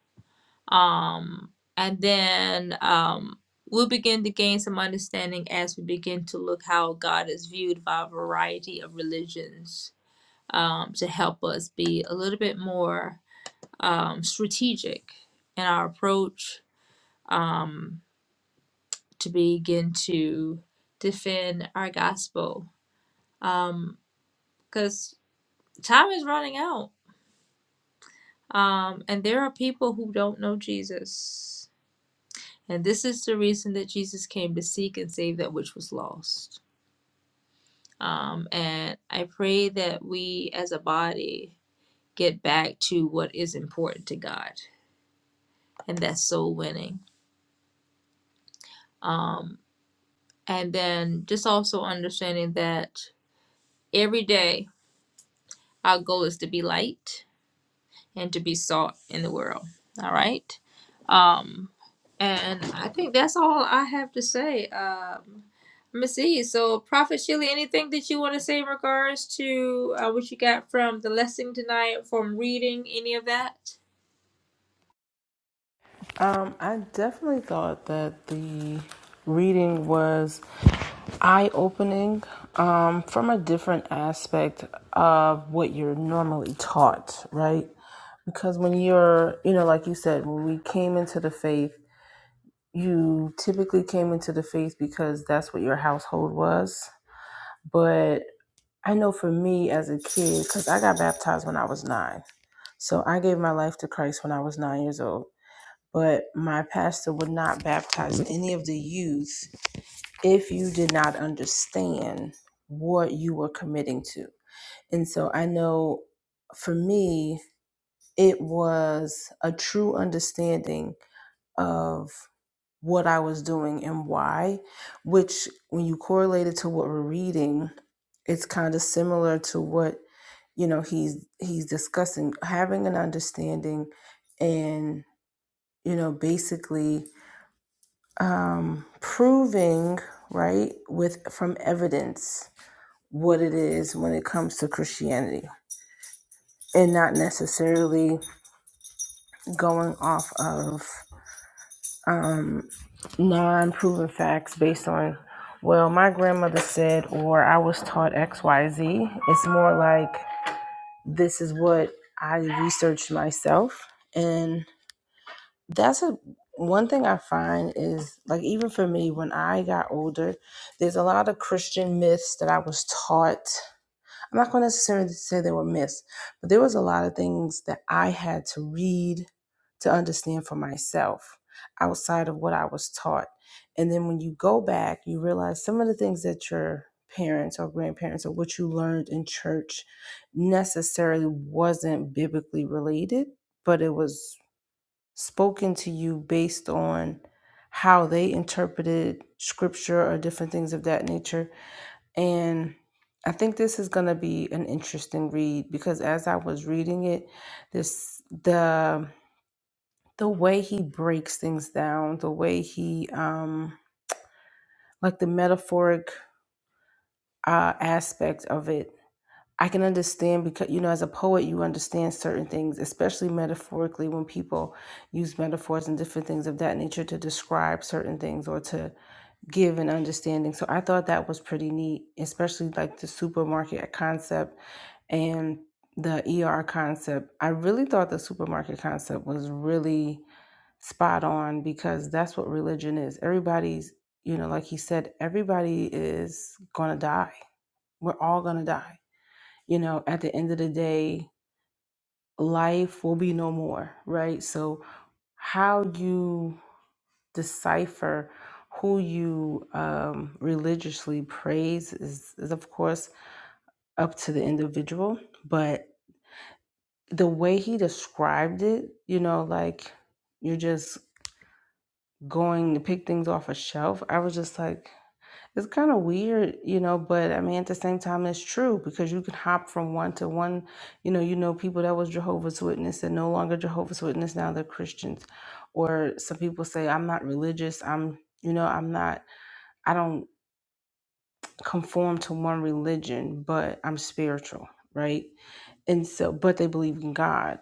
S1: um, and then um, we'll begin to gain some understanding as we begin to look how God is viewed by a variety of religions um, to help us be a little bit more um, strategic in our approach. Um, to begin to defend our gospel um, because time is running out um, and there are people who don't know jesus and this is the reason that jesus came to seek and save that which was lost um, and i pray that we as a body get back to what is important to god and that's soul winning um, and then just also understanding that every day our goal is to be light and to be salt in the world. All right. Um, and I think that's all I have to say. Um, let me see. So, Prophet Sheila, anything that you want to say in regards to uh, what you got from the lesson tonight, from reading any of that?
S3: Um, I definitely thought that the reading was eye opening um, from a different aspect of what you're normally taught, right? Because when you're, you know, like you said, when we came into the faith, you typically came into the faith because that's what your household was But I know for me as a kid, because I got baptized when I was nine. So I gave my life to Christ when I was nine years old. But my pastor would not baptize any of the youth if you did not understand what you were committing to. And so I know for me, it was a true understanding of what I was doing and why, which when you correlate it to what we're reading, it's kind of similar to what you know he's he's discussing having an understanding and you know basically um proving right with from evidence what it is when it comes to christianity and not necessarily going off of um, non-proven facts based on well my grandmother said or i was taught xyz it's more like this is what i researched myself and that's a one thing i find is like even for me when i got older there's a lot of christian myths that i was taught I'm not going to necessarily say they were missed, but there was a lot of things that I had to read to understand for myself outside of what I was taught. And then when you go back, you realize some of the things that your parents or grandparents or what you learned in church necessarily wasn't biblically related, but it was spoken to you based on how they interpreted scripture or different things of that nature and I think this is going to be an interesting read because as I was reading it, this the the way he breaks things down, the way he um like the metaphoric uh aspect of it. I can understand because you know as a poet you understand certain things, especially metaphorically when people use metaphors and different things of that nature to describe certain things or to give an understanding. So I thought that was pretty neat, especially like the supermarket concept and the ER concept. I really thought the supermarket concept was really spot on because that's what religion is. Everybody's, you know, like he said, everybody is going to die. We're all going to die. You know, at the end of the day, life will be no more, right? So how you decipher who you um, religiously praise is, is, of course, up to the individual. But the way he described it, you know, like you're just going to pick things off a shelf, I was just like, it's kind of weird, you know, but I mean, at the same time, it's true because you can hop from one to one. You know, you know, people that was Jehovah's Witness and no longer Jehovah's Witness, now they're Christians. Or some people say, I'm not religious. I'm, you know, I'm not, I don't conform to one religion, but I'm spiritual, right? And so, but they believe in God,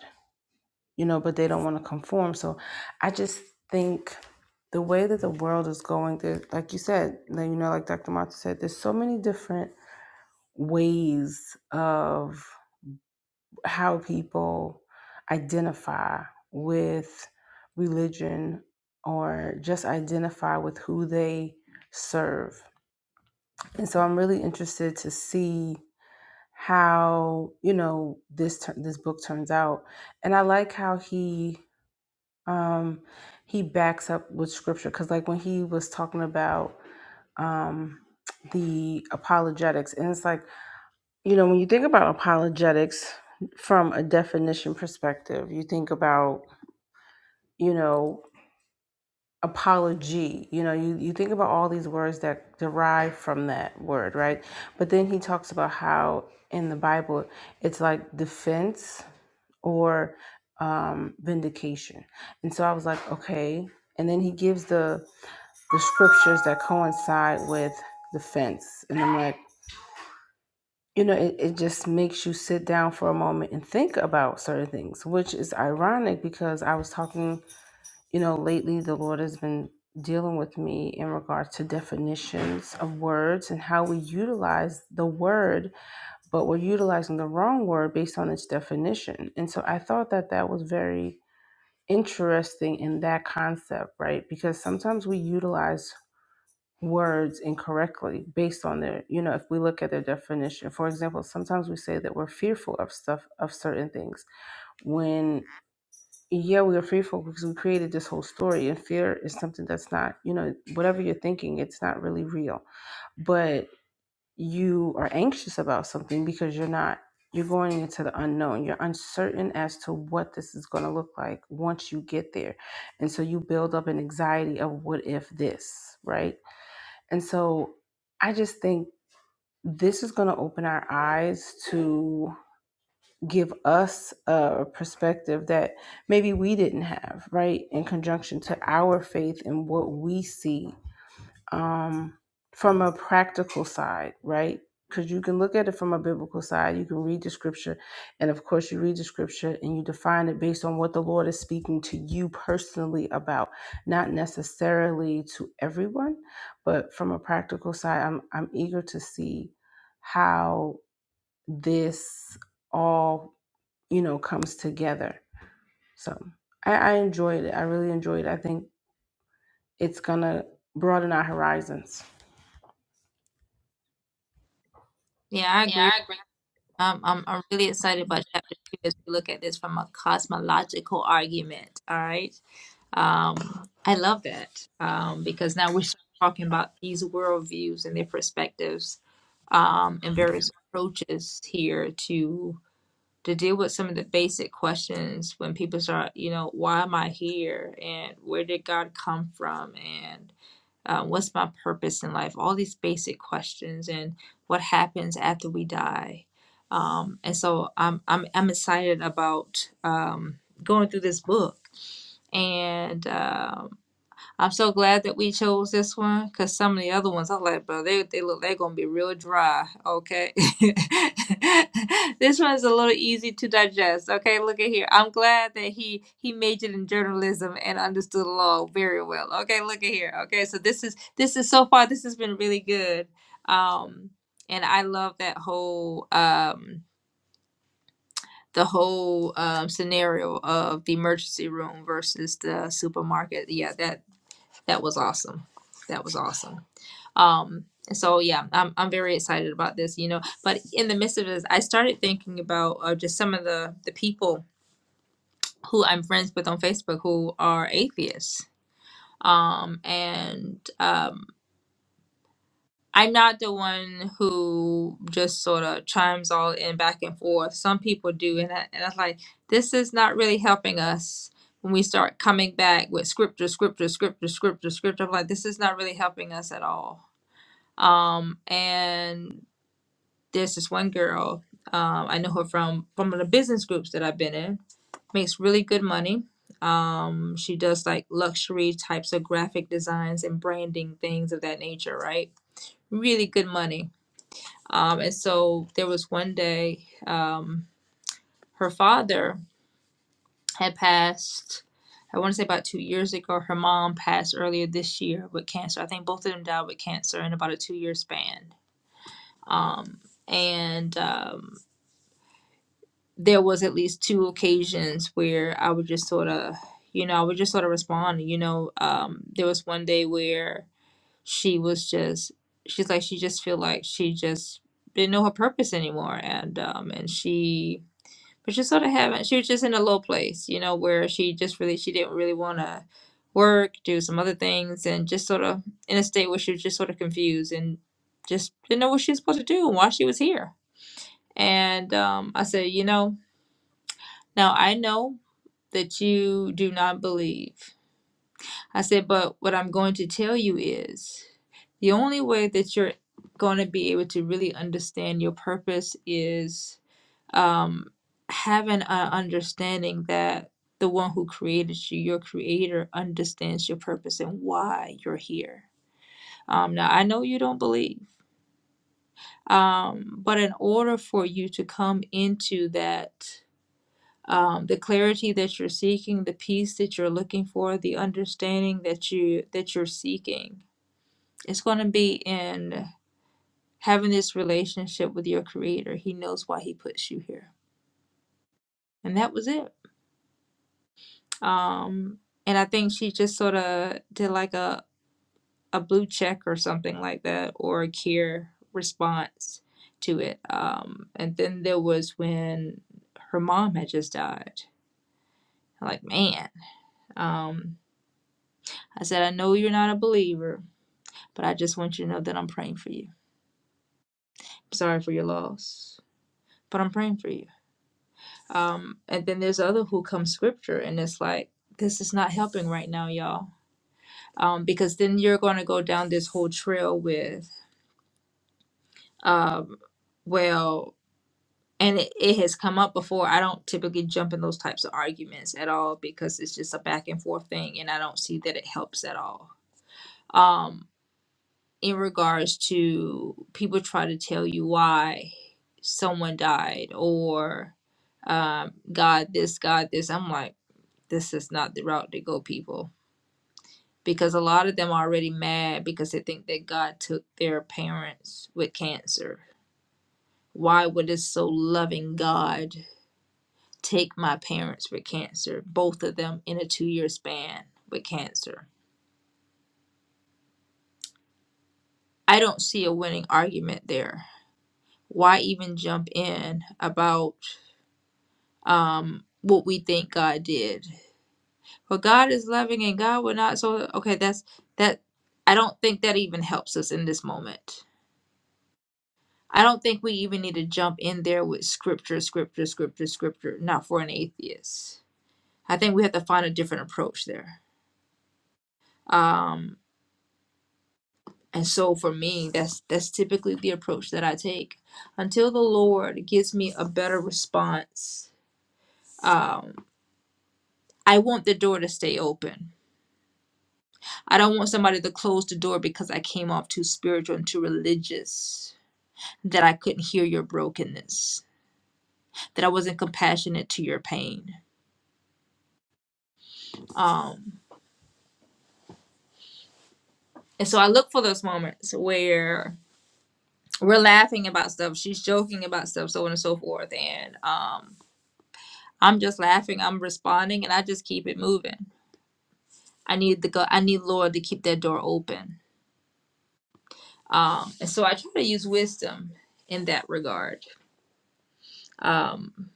S3: you know, but they don't want to conform. So I just think the way that the world is going, there, like you said, like, you know, like Dr. Mata said, there's so many different ways of how people identify with religion or just identify with who they serve. And so I'm really interested to see how you know this tur- this book turns out and i like how he um he backs up with scripture because like when he was talking about um the apologetics and it's like you know when you think about apologetics from a definition perspective you think about you know apology you know you, you think about all these words that derive from that word right but then he talks about how in the bible it's like defense or um, vindication. And so I was like, okay. And then he gives the the scriptures that coincide with the fence, and I'm like, you know, it, it just makes you sit down for a moment and think about certain things, which is ironic because I was talking, you know, lately the Lord has been dealing with me in regards to definitions of words and how we utilize the word but we're utilizing the wrong word based on its definition. And so I thought that that was very interesting in that concept, right? Because sometimes we utilize words incorrectly based on their, you know, if we look at their definition. For example, sometimes we say that we're fearful of stuff, of certain things, when, yeah, we are fearful because we created this whole story and fear is something that's not, you know, whatever you're thinking, it's not really real. But you are anxious about something because you're not you're going into the unknown you're uncertain as to what this is going to look like once you get there and so you build up an anxiety of what if this right and so i just think this is going to open our eyes to give us a perspective that maybe we didn't have right in conjunction to our faith and what we see um, from a practical side, right? Because you can look at it from a biblical side. You can read the scripture. And of course, you read the scripture and you define it based on what the Lord is speaking to you personally about, not necessarily to everyone. But from a practical side, I'm, I'm eager to see how this all, you know, comes together. So I, I enjoyed it. I really enjoyed it. I think it's going to broaden our horizons.
S1: Yeah, I agree. Um, I'm, I'm really excited about chapter two as we look at this from a cosmological argument. All right. Um, I love that um, because now we're talking about these worldviews and their perspectives um, and various approaches here to to deal with some of the basic questions when people start, you know, why am I here and where did God come from and um, what's my purpose in life all these basic questions and what happens after we die um, and so I'm, I'm i'm excited about um, going through this book and um, I'm so glad that we chose this one because some of the other ones I was like, bro, they they look they're gonna be real dry. Okay, this one's a little easy to digest. Okay, look at here. I'm glad that he he majored in journalism and understood law very well. Okay, look at here. Okay, so this is this is so far this has been really good. Um, and I love that whole um the whole um, scenario of the emergency room versus the supermarket. Yeah, that that was awesome. That was awesome. Um, so yeah, I'm I'm very excited about this, you know. But in the midst of this, I started thinking about uh, just some of the the people who I'm friends with on Facebook who are atheists. Um, and um, I'm not the one who just sort of chimes all in back and forth. Some people do, and I, and I was like, this is not really helping us. When we start coming back with scripture, scripture, scripture, scripture, scripture, I'm like, this is not really helping us at all Um, and there's this one girl, um, I know her from from the business groups that I've been in, makes really good money. Um, she does like luxury types of graphic designs and branding things of that nature, right? Really good money. Um, and so there was one day, um, her father had passed. I want to say about two years ago. Her mom passed earlier this year with cancer. I think both of them died with cancer in about a two-year span um, and um, there was at least two occasions where I would just sort of, you know, I would just sort of respond. You know, um, there was one day where she was just, she's like, she just feel like she just didn't know her purpose anymore, and um, and she was just sort of having, she was just in a low place, you know, where she just really, she didn't really want to work, do some other things, and just sort of in a state where she was just sort of confused and just didn't know what she was supposed to do and why she was here and um, I said, You know, now I know that you do not believe. I said, But what I'm going to tell you is the only way that you're going to be able to really understand your purpose is um, having an understanding that the one who created you, your creator, understands your purpose and why you're here. Um, now, I know you don't believe, um, but in order for you to come into that um, the clarity that you're seeking, the peace that you're looking for, the understanding that you that you're seeking. It's going to be in having this relationship with your creator. He knows why he puts you here. And that was it. Um and I think she just sort of did like a a blue check or something like that or a care response to it. Um and then there was when her mom had just died. Like, man. Um I said I know you're not a believer But I just want you to know that I'm praying for you. I'm Sorry for your loss, but I'm praying for you. Um, and then there's other who come scripture, and it's like this is not helping right now, y'all. Um, because then you're going to go down this whole trail with, um, well, and it, it has come up before. I don't typically jump in those types of arguments at all because it's just a back and forth thing, and I don't see that it helps at all. Um, in regards to people try to tell you why someone died or um, God this, God this. I'm like, this is not the route to go, people. Because a lot of them are already mad because they think that God took their parents with cancer. Why would this so loving God take my parents with cancer, both of them in a two year span with cancer? I don't see a winning argument there. Why even jump in about um what we think God did. But God is loving and God would not so okay, that's that I don't think that even helps us in this moment. I don't think we even need to jump in there with scripture, scripture, scripture, scripture, not for an atheist. I think we have to find a different approach there. Um and so for me that's that's typically the approach that I take. Until the Lord gives me a better response, um, I want the door to stay open I don't want somebody to close the door because I came off too spiritual and too religious, that I couldn't hear your brokenness, that I wasn't compassionate to your pain. Um, and so I look for those moments where we're laughing about stuff, she's joking about stuff, so on and so forth. And um, I'm just laughing, I'm responding, and I just keep it moving. I need the go- I need Lord to keep that door open. Um, and so I try to use wisdom in that regard Um,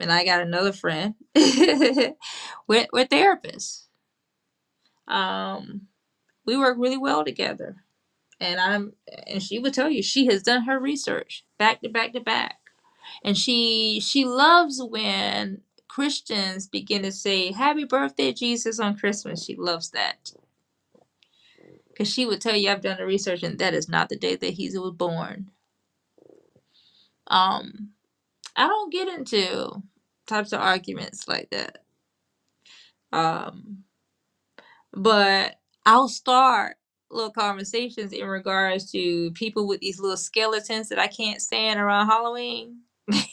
S1: and I got another friend. we're, we're therapists. Um, we work really well together. And I'm and she would tell you she has done her research back to back to back. And she she loves when Christians begin to say happy birthday Jesus on Christmas. She loves that. Cause she would tell you I've done the research and that is not the day that he was born. Um I don't get into types of arguments like that. Um but I'll start little conversations in regards to people with these little skeletons that I can't stand around Halloween.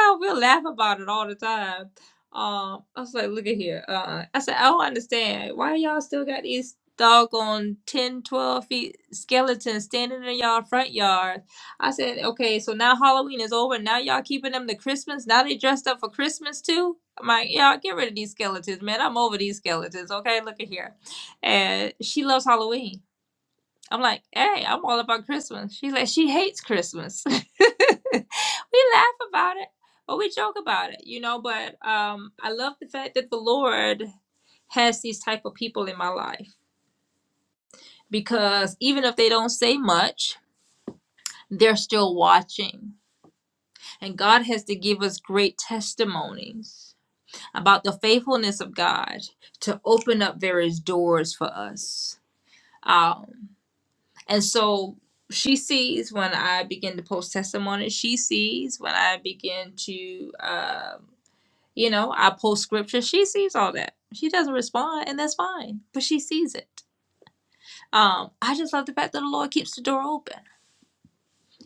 S1: Oh, we'll laugh about it all the time. Um, I was like, look at here. Uh, I said, I don't understand. Why y'all still got these doggone 10, 12 feet skeletons standing in y'all front yard? I said, okay, so now Halloween is over. Now y'all keeping them to Christmas. Now they dressed up for Christmas too? I'm like, yeah, get rid of these skeletons, man. I'm over these skeletons. Okay, look at here. And she loves Halloween. I'm like, hey, I'm all about Christmas. She's like, she hates Christmas. we laugh about it, but we joke about it, you know. But um, I love the fact that the Lord has these type of people in my life because even if they don't say much, they're still watching. And God has to give us great testimonies about the faithfulness of God to open up various doors for us. Um, and so she sees when I begin to post testimonies, she sees when I begin to, um, you know, I post scripture, she sees all that. She doesn't respond, and that's fine, but she sees it. Um, I just love the fact that the Lord keeps the door open,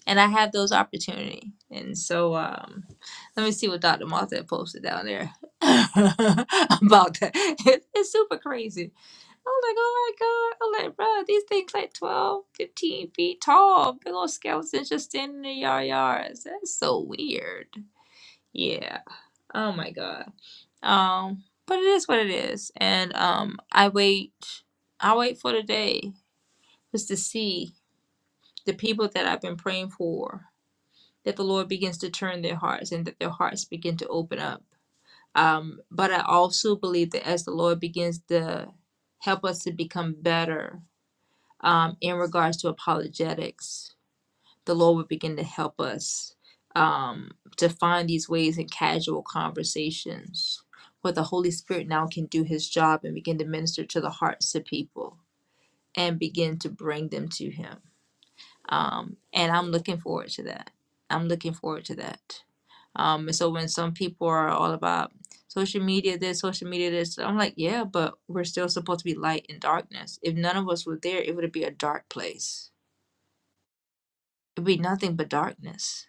S1: and I have those opportunity. And so, um, let me see what Dr. Martha posted down there about that. It's, it's super crazy I was like, oh my god. I'm like, bro, these things like 12, 15 feet tall. Big old skeletons just standing in your yards. That's so weird. Yeah. Oh my god. Um, but it is what it is. And um I wait I wait for the day just to see the people that I've been praying for, that the Lord begins to turn their hearts and that their hearts begin to open up. Um, but I also believe that as the Lord begins to help us to become better um, in regards to apologetics, the Lord would begin to help us um, to find these ways in casual conversations where the Holy Spirit now can do his job and begin to minister to the hearts of people and begin to bring them to him. Um, and I'm looking forward to that. I'm looking forward to that. Um, and so when some people are all about social media this, social media this, I'm like, yeah, but we're still supposed to be light in darkness. If none of us were there, it would be a dark place it'd be nothing but darkness.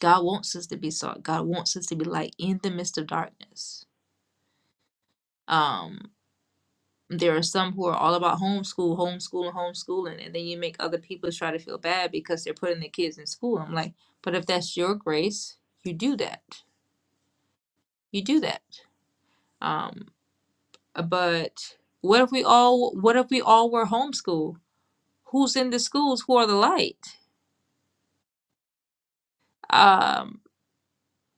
S1: God wants us to be salt. God wants us to be light in the midst of darkness. Um, there are some who are all about homeschool, homeschooling, homeschooling, and then you make other people try to feel bad because they're putting their kids in school. I'm like, but if that's your grace, you do that. You do that. Um, but what if we all what if we all were homeschooled? Who's in the schools? Who are the light? Um.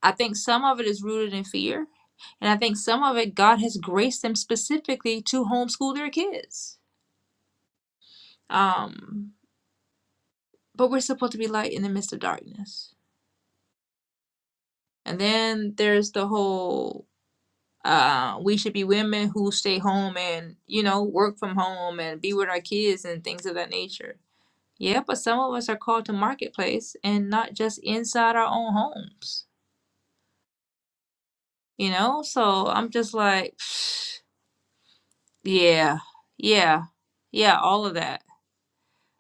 S1: I think some of it is rooted in fear. And I think some of it, God has graced them specifically to homeschool their kids. Um, but we're supposed to be light in the midst of darkness. And then there's the whole uh, we should be women who stay home and, you know, work from home and be with our kids and things of that nature. Yeah, but some of us are called to marketplace and not just inside our own homes, you know? So I'm just like, Yeah, yeah, yeah, all of that.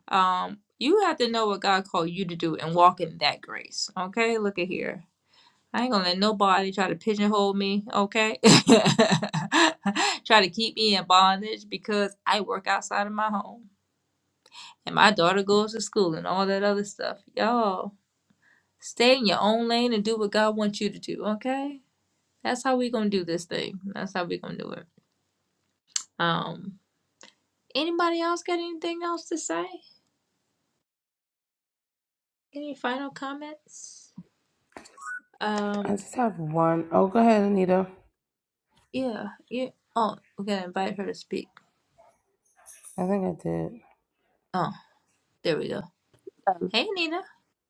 S1: Um, you have to know what God called you to do and walk in that grace. Okay, look at here. I ain't gonna let nobody try to pigeonhole me, okay? Try to keep me in bondage because I work outside of my home and my daughter goes to school and all that other stuff. Y'all, stay in your own lane and do what God wants you to do, okay? That's how we gonna do this thing. That's how we gonna do it. Um, anybody else got anything else to say? Any final comments? Um,
S3: I just have one. Oh, go ahead, Anita.
S1: yeah, yeah. Oh, we're gonna invite her to speak.
S3: I think I did.
S1: Oh, there we go.
S4: Um,
S1: Hey, Nina.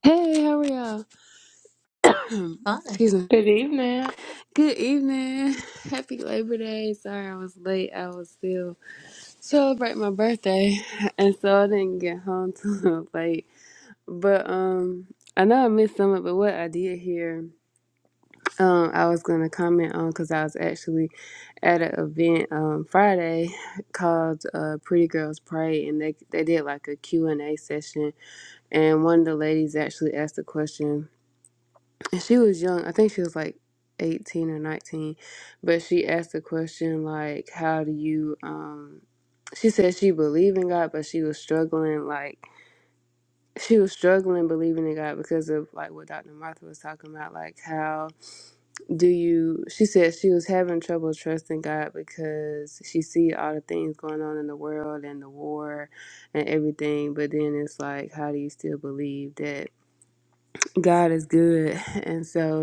S4: Hey, how are y'all?
S1: Fine.
S4: Excuse me.
S2: Good evening.
S4: Good evening. Happy Labor Day. Sorry I was late. I was still celebrating my birthday, and so I didn't get home till late. But um, I know I missed some of it. But what I did hear, um, I was gonna comment on because I was actually at an event um Friday called uh Pretty Girls Pray, and they they did like a Q and A session, and one of the ladies actually asked a question and she was young. I think she was like 18 or 19, but she asked the question like, "How do you?" Um, she said she believed in God, but she was struggling like she was struggling believing in God because of like what Dr. Martha was talking about, like how do you? She said she was having trouble trusting God because she see all the things going on in the world and the war and everything, but then it's like, how do you still believe that God is good? And so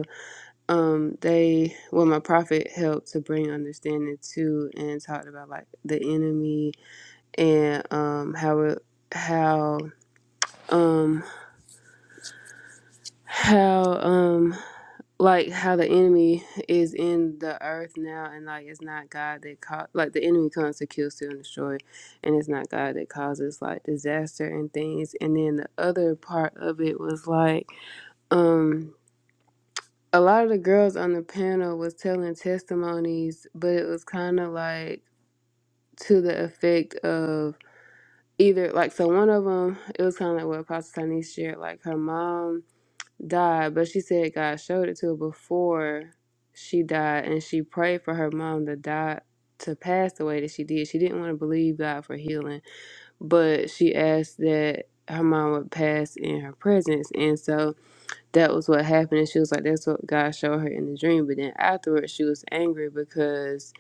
S4: um they well my prophet helped to bring understanding to and talked about like the enemy and um how it how um how um like how the enemy is in the earth now and like it's not god that caught like the enemy comes to kill steal and destroy and it's not god that causes like disaster and things and then the other part of it was like um a lot of the girls on the panel was telling testimonies, but it was kind of like to the effect of either like so one of them it was kind of like what Apostle Tanis shared, like her mom died, but she said God showed it to her before she died, and she prayed for her mom to die to pass the way that she did. She didn't want to believe God for healing, but she asked that her mom would pass in her presence, and so that was what happened. And she was like, that's what God showed her in the dream. But then afterwards, she was angry because,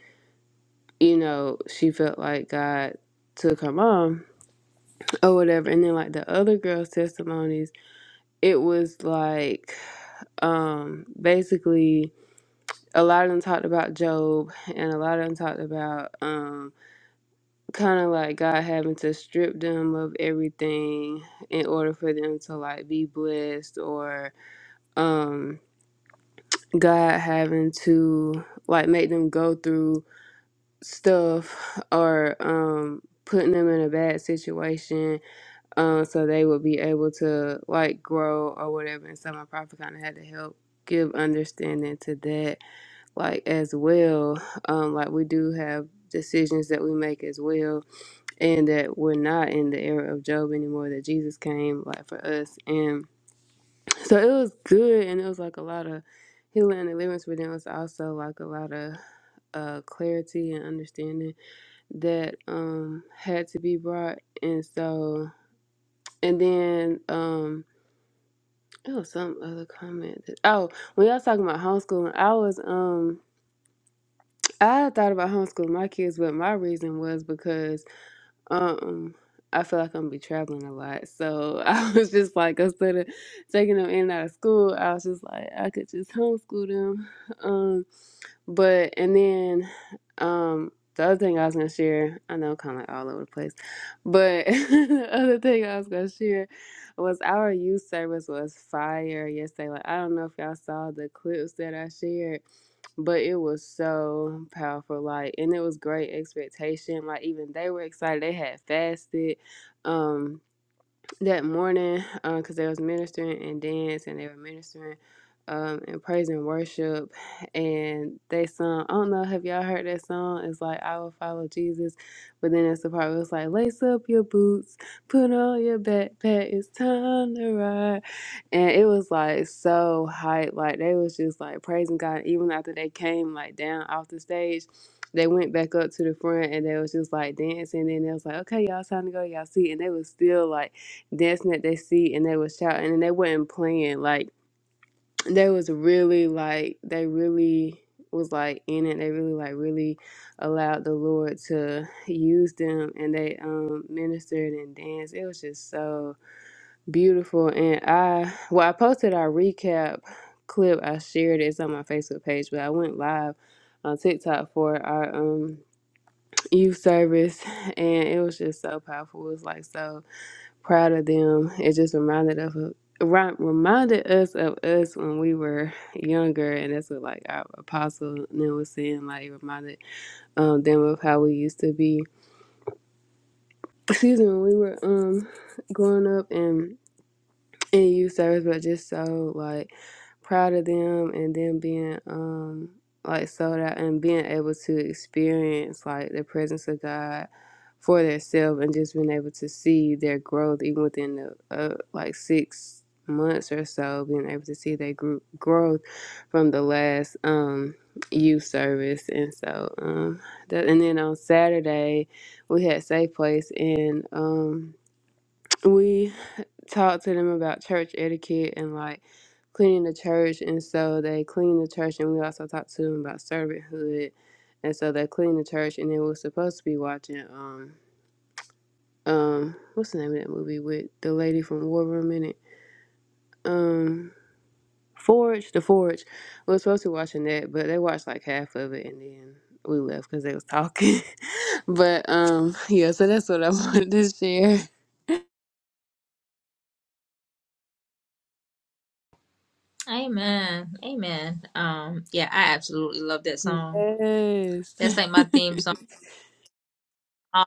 S4: you know, she felt like God took her mom or whatever. And then, like, the other girl's testimonies, it was like, um, basically, a lot of them talked about Job and a lot of them talked about, um, kind of like God having to strip them of everything in order for them to, like, be blessed or, um, God having to like make them go through stuff or um putting them in a bad situation um so they would be able to like grow or whatever and so my prophet kind of had to help give understanding to that like as well um like we do have decisions that we make as well and that we're not in the era of job anymore that jesus came like for us and. So it was good, and it was like a lot of healing and deliverance, but then it was also like a lot of uh, clarity and understanding that um, had to be brought. And so, and then um, it was some other comment. That, oh, when y'all talking about homeschooling, I was um, I had thought about homeschooling my kids, but my reason was because Um, I feel like I'm gonna be traveling a lot, so I was just like, instead of taking them in and out of school, I was just like, I could just homeschool them. Um, but and then, um, the other thing I was gonna share, I know, kind of like all over the place, but the other thing I was gonna share was our youth service was fire yesterday. Like I don't know if y'all saw the clips that I shared but it was so powerful like and it was great expectation like even they were excited they had fasted um that morning because they was ministering and dance and they were ministering um, and praise and worship and they sung i don't know have y'all heard that song it's like i will follow jesus but then it's the part where it's like lace up your boots put on your backpack it's time to ride and it was like so hype like they was just like praising god even after they came like down off the stage they went back up to the front and they was just like dancing and they was like okay y'all it's time to go to y'all seat and they was still like dancing at their seat and they was shouting and they wasn't playing like they was really like they really was like in it they really like really allowed the lord to use them and they um ministered and danced it was just so beautiful and i well i posted our recap clip i shared it. it's on my facebook page but i went live on tiktok for our um youth service and it was just so powerful it was like so proud of them. It just reminded us of ri- reminded us of us when we were younger, and that's what like our apostle then was saying. Like it reminded um them of how we used to be. Excuse me, when we were um growing up and in youth service, but just so like proud of them and then being um like sold out and being able to experience like the presence of God for themselves and just being able to see their growth even within the uh, like six months or so being able to see their group growth from the last um youth service and so um that and then on Saturday we had safe place and um we talk to them about church etiquette and like cleaning the church and so they clean the church and we also talked to them about servanthood and so they clean the church and then we were supposed to be watching um um what's the name of that movie with the lady from War Room in it? Um Forge, The Forge. We were supposed to be watching that, but they watched like half of it and then we left because they was talking. but um yeah, so that's what I wanted to share.
S1: Amen. Amen. Um, yeah, I absolutely love that song.
S4: Yes.
S1: That's like my theme song. Um,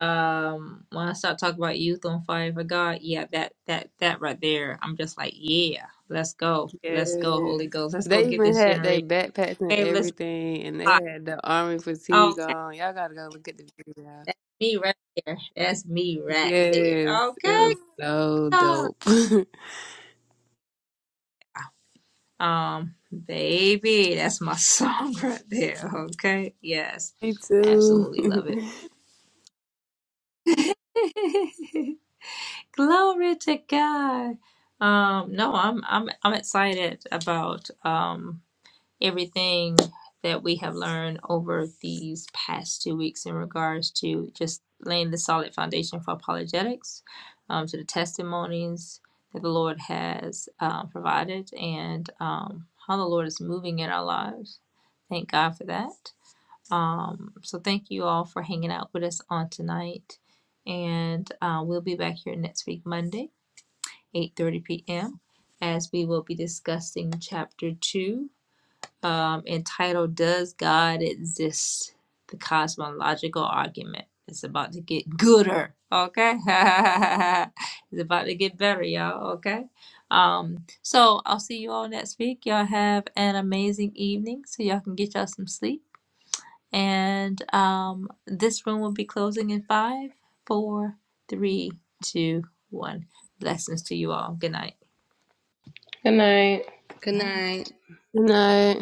S1: um, when I start talking about youth on fire for God, yeah, that that that right there, I'm just like, yeah, let's go, let's go, Holy
S4: Yes.
S1: Ghost, let's go
S4: They
S1: get
S4: even
S1: this
S4: had their
S1: generation.
S4: backpacks and
S1: Okay, let's
S4: everything, and they
S1: fly.
S4: had the army fatigue
S1: Okay,
S4: on. Y'all gotta go look at the video.
S1: that's me right there. That's me right there.
S4: Yes, it
S1: Okay,
S4: was so
S1: God.
S4: dope.
S1: Um, baby, that's my song right there. Okay, yes,
S4: Me too.
S1: absolutely
S4: Good
S1: love it. Glory to God. Um, no, I'm I'm I'm excited about um everything that we have learned over these past two weeks in regards to just laying the solid foundation for apologetics, um, to the testimonies that the Lord has uh, provided, and um, how the Lord is moving in our lives. Thank God for that. Um, so, thank you all for hanging out with us on tonight. And uh, we'll be back here next week, Monday, 8 30 p.m., as we will be discussing chapter 2 um, entitled Does God Exist? The Cosmological Argument. It's about to get gooder, okay? it's about to get better, y'all, okay? Um, so I'll see you all next week. Y'all have an amazing evening so y'all can get y'all some sleep. And um, this room will be closing in five, four, three, two, one. Blessings to you all. Good night.
S2: Good night.
S3: Good
S1: Night.
S3: night.
S4: night.